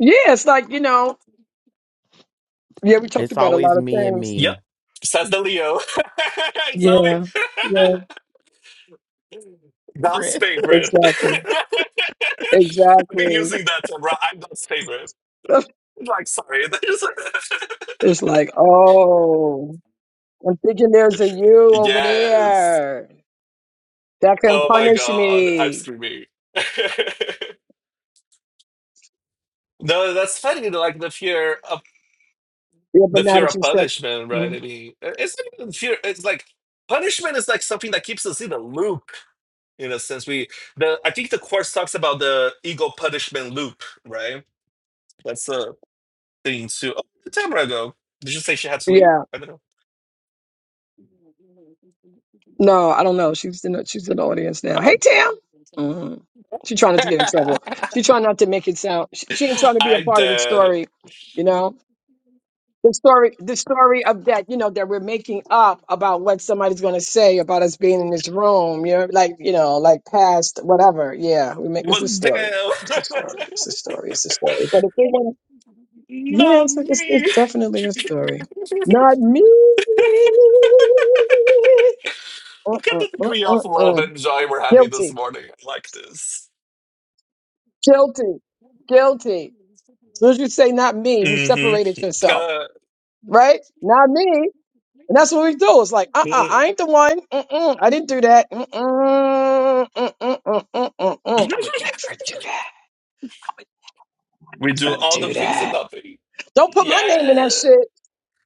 D: Yeah, it's like you know. Yeah, we talked
E: It's
D: about a
E: always
D: lot of
E: me and
D: things.
E: me.
C: Yep. Says the Leo. it's always
D: Yeah. Yeah.
C: God's
E: friend.
C: favorite.
D: Exactly.
C: I've been
D: Exactly.
C: using that term, right? I'm God's favorite. Like, sorry.
D: It's like, oh, I'm thinking there's a you over
C: yes.
D: there that can
C: Oh my
D: punish
C: God. I'm
D: me.
C: screaming. no, that's funny. Like the fear. of.
D: Yeah, but
C: the
D: now
C: fear
D: that
C: of
D: you said,
C: punishment, right?
D: Mm,
C: I mean, i- it's not even fear. It's like punishment is like something that keeps us in a loop. In a sense, we the I think the course talks about the ego punishment loop, right? That's a thing too. Oh, Tamara, go. Did you say she had to leave?
D: yeah,
C: I don't know.
D: no, I don't know. She's in the, she's in the audience now. Hey,
C: Oh,
D: Tam. hmm She's trying not to get in trouble. She's trying not to make it sound. She, she ain't trying to be a
C: I'm
D: part of the
C: dead. It
D: story, you know. the story the story of that you know that we're making up about what somebody's going to say about us being in this room you know like you know like past whatever yeah we make it's
C: was
D: a story it's a story
C: them.
D: it's a story it's a story but if they want yeah
C: Not
D: it's, it's, it's
C: me.
D: definitely a story not me
C: Look
D: uh-uh,
C: at the
D: uh-uh,
C: degree
D: uh.
C: of love
D: uh, uh.
C: and joy we're having this
D: guilty
C: morning. I like this.
D: guilty guilty as soon as you say not me you
C: Mm-hmm.
D: separated yourself
C: Uh,
D: right not me And that's what we do. It's like, uh, uh
C: mhm.
D: I ain't the one. Mm-mm, I didn't do that. Mm-mm, mm-mm, mm-mm, mm-mm. I would never do that. I would
C: we do
D: never
C: all the
D: do
C: things and
D: that.
C: nothing.
D: Don't put my
C: Yeah.
D: name in that shit.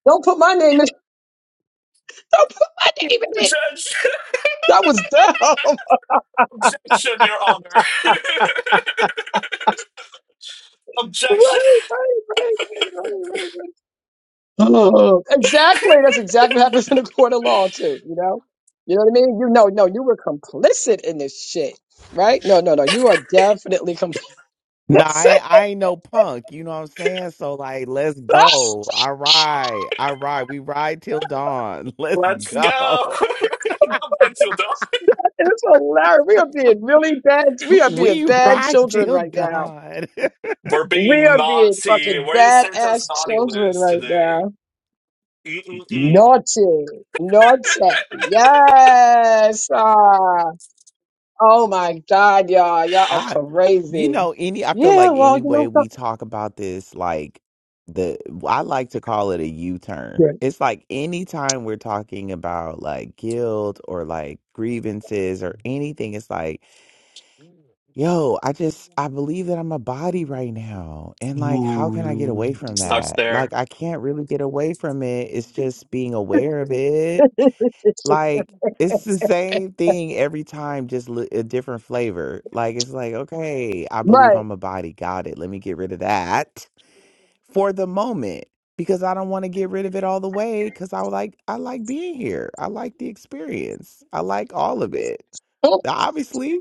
D: Don't put my name in. Don't put my name in it.
C: Judge.
D: That was dumb. right, right,
C: Objection, Your Honor.
D: right,
C: Objection.
D: right, right, right. right. Oh, exactly. That's exactly what happens in a court of law too. You know. You know what I mean? You know, no. You were complicit in this shit, right? No, no, no. You are definitely complicit.
E: Nah, I, I ain't no punk. You know what I'm saying? So like, let's go. I ride. I ride. We ride till dawn. Let's
C: Let's go.
E: go.
C: Go back to
D: It's hilarious. We are being really bad. We are being
E: We
D: bad
E: ride
D: children
E: till
D: right
C: the-
D: now.
E: dawn.
C: We're
D: We
C: being
D: are being
C: naughty.
D: fucking
C: We're in Santa's
D: badass
C: naughty
D: children
C: list
D: right
C: today.
D: now.
C: Mm-mm-mm.
D: Naughty. Naughty. Yes. Ah. Oh my God, y'all. Y'all
E: I,
D: are
E: you
D: crazy.
E: know, any. I feel
D: Yeah,
E: like
D: well,
E: any
D: you
E: way
D: know
E: we talk about this, like the I like to call it a U-turn.
D: something.
E: It's like anytime we're talking about like guilt or like grievances or anything, it's like Yo, I just I believe that I'm a body right now. And like how can I get
C: Ooh.
E: away from
C: Starts
E: that? Like
C: there.
E: I can't really get away from it. It's just being aware of it.
D: Yeah.
E: Like it's the same thing every time, just li- a different flavor. Like it's like, okay, I believe
D: right.
E: I'm a body. Got it. Let me get rid of that for the moment because I don't want to get rid of it all the way cuz I like I like being here. I like the experience. I like all of it. Obviously,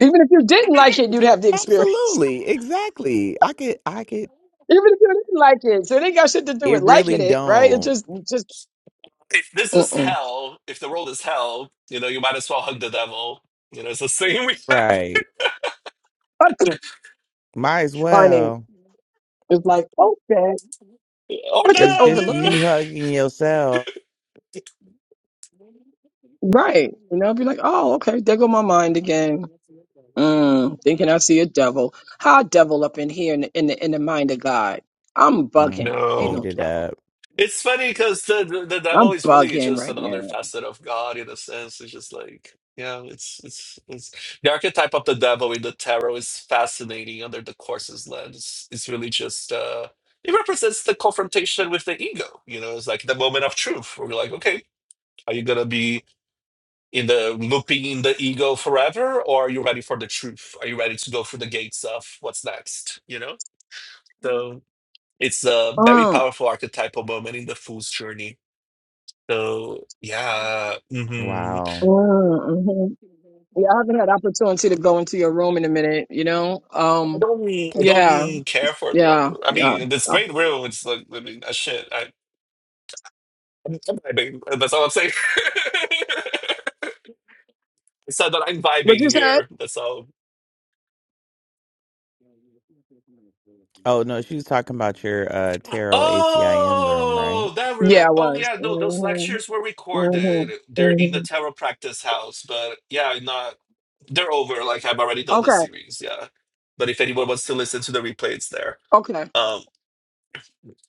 D: Even if you didn't like it, you'd have the experience.
E: Absolutely, exactly. I could, I could.
D: Even if you didn't like it. So it ain't got shit to do with
E: It
D: liking
E: really
D: it, right? It
E: don't.
D: just, just,
C: If this is
D: mm-mm.
C: hell, if the world is hell, you know, you might as well hug the devil. You know, it's the same we have.
E: Right.
D: Fucking
E: Might as
D: funny.
E: well.
D: It's like, okay.
C: Or
D: Or
E: It's
D: just
E: just
D: overlook
C: die.
D: it.
E: you hugging yourself.
D: Right. You know, be like, oh, okay, there go my mind again. Mm, thinking I see a devil. How a devil up in here in the, in the in the mind of God. I'm
E: Mm,
D: bugging. Ain't
C: No.
E: made
D: no
E: it
D: devil.
E: up.
C: It's funny because the, the the devil
D: I'm
C: is really
D: bugging
C: just
D: right
C: another
D: now.
C: facet of God in a sense. It's just like, yeah, it's it's it's the archetype of the devil in the tarot is fascinating under the course's lens. It's really just uh it represents the confrontation with the ego, you know, it's like the moment of truth where you're like, okay, are you gonna be in the looping in the ego forever, or are you ready for the truth? Are you ready to go through the gates of what's next? You know? So it's a very
D: Mm,
C: powerful archetypal moment in the fool's journey. So yeah, hmm
E: Wow.
D: mm, hmm Yeah, I haven't had opportunity to go into your room in a minute, you know?
C: I
D: Um
C: don't, I
D: yeah,
C: don't care for the
D: yeah,
C: other. I
D: yeah.
C: mean, this great will. It's like, I mean, uh, shit. I, I'm, I'm vibing. That's all I'm saying. It's not that I'm
D: What
C: vibing
D: you said?
C: here. That's all.
E: Oh no, she was talking about your uh tarot ACIM room, right?
C: Oh, that room.
D: Yeah, I
C: Oh
D: was.
C: yeah, no, those
D: hmm
C: lectures were
D: hmm
C: recorded. They're in
D: hmm
C: the tarot practice house, but yeah, not. They're over. Like I've already done the
D: Okay,
C: series. Yeah, but if anyone wants to listen to the replay, it's there.
D: okay.
C: Um,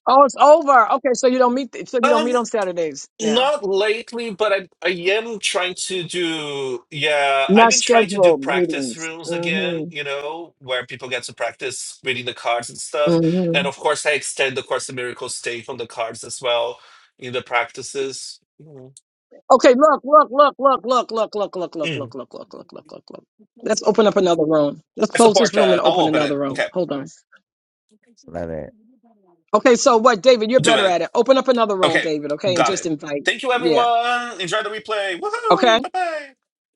D: Oh, it's over. Okay, so you don't meet. So you don't
C: Um,
D: meet on Saturdays now.
C: not lately, but I I am trying to do yeah, I've
D: Not
C: been trying to do
D: scheduled
C: practice
D: meetings.
C: rooms again,
D: hmm
C: you know, where people get to practice reading the cards and stuff.
D: hmm
C: And of course I extend the Course in Miracles take on the cards as well in the practices. Mm.
D: Okay, look, look, look, look, look, look, look, look, look, look,
C: Mm.
D: look, look, look, look, look, look. Let's open up another room. Let's
C: I
D: close this
C: support
D: room
C: that.
D: and
C: I'll
D: open
C: open it.
D: another room.
C: Okay,
D: Hold on.
E: Love it.
D: Okay, so what, David? You're
C: I'll do
D: better
C: it.
D: at it. Open up another room,
C: Okay,
D: David. Okay, and
C: got
D: just
C: it.
D: invite.
C: Thank you
D: Yeah.
C: everyone. Enjoy the replay. Woohoo!
D: Okay.
C: Bye bye.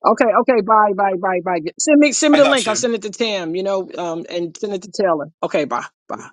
D: Okay. Okay. Bye. Bye. Bye. Bye. Send me. Send me
C: I
D: the
C: got
D: link. I'll
C: you.
D: send it to Tim. You know. Um. And send it to Taylor. Okay. Bye. Bye.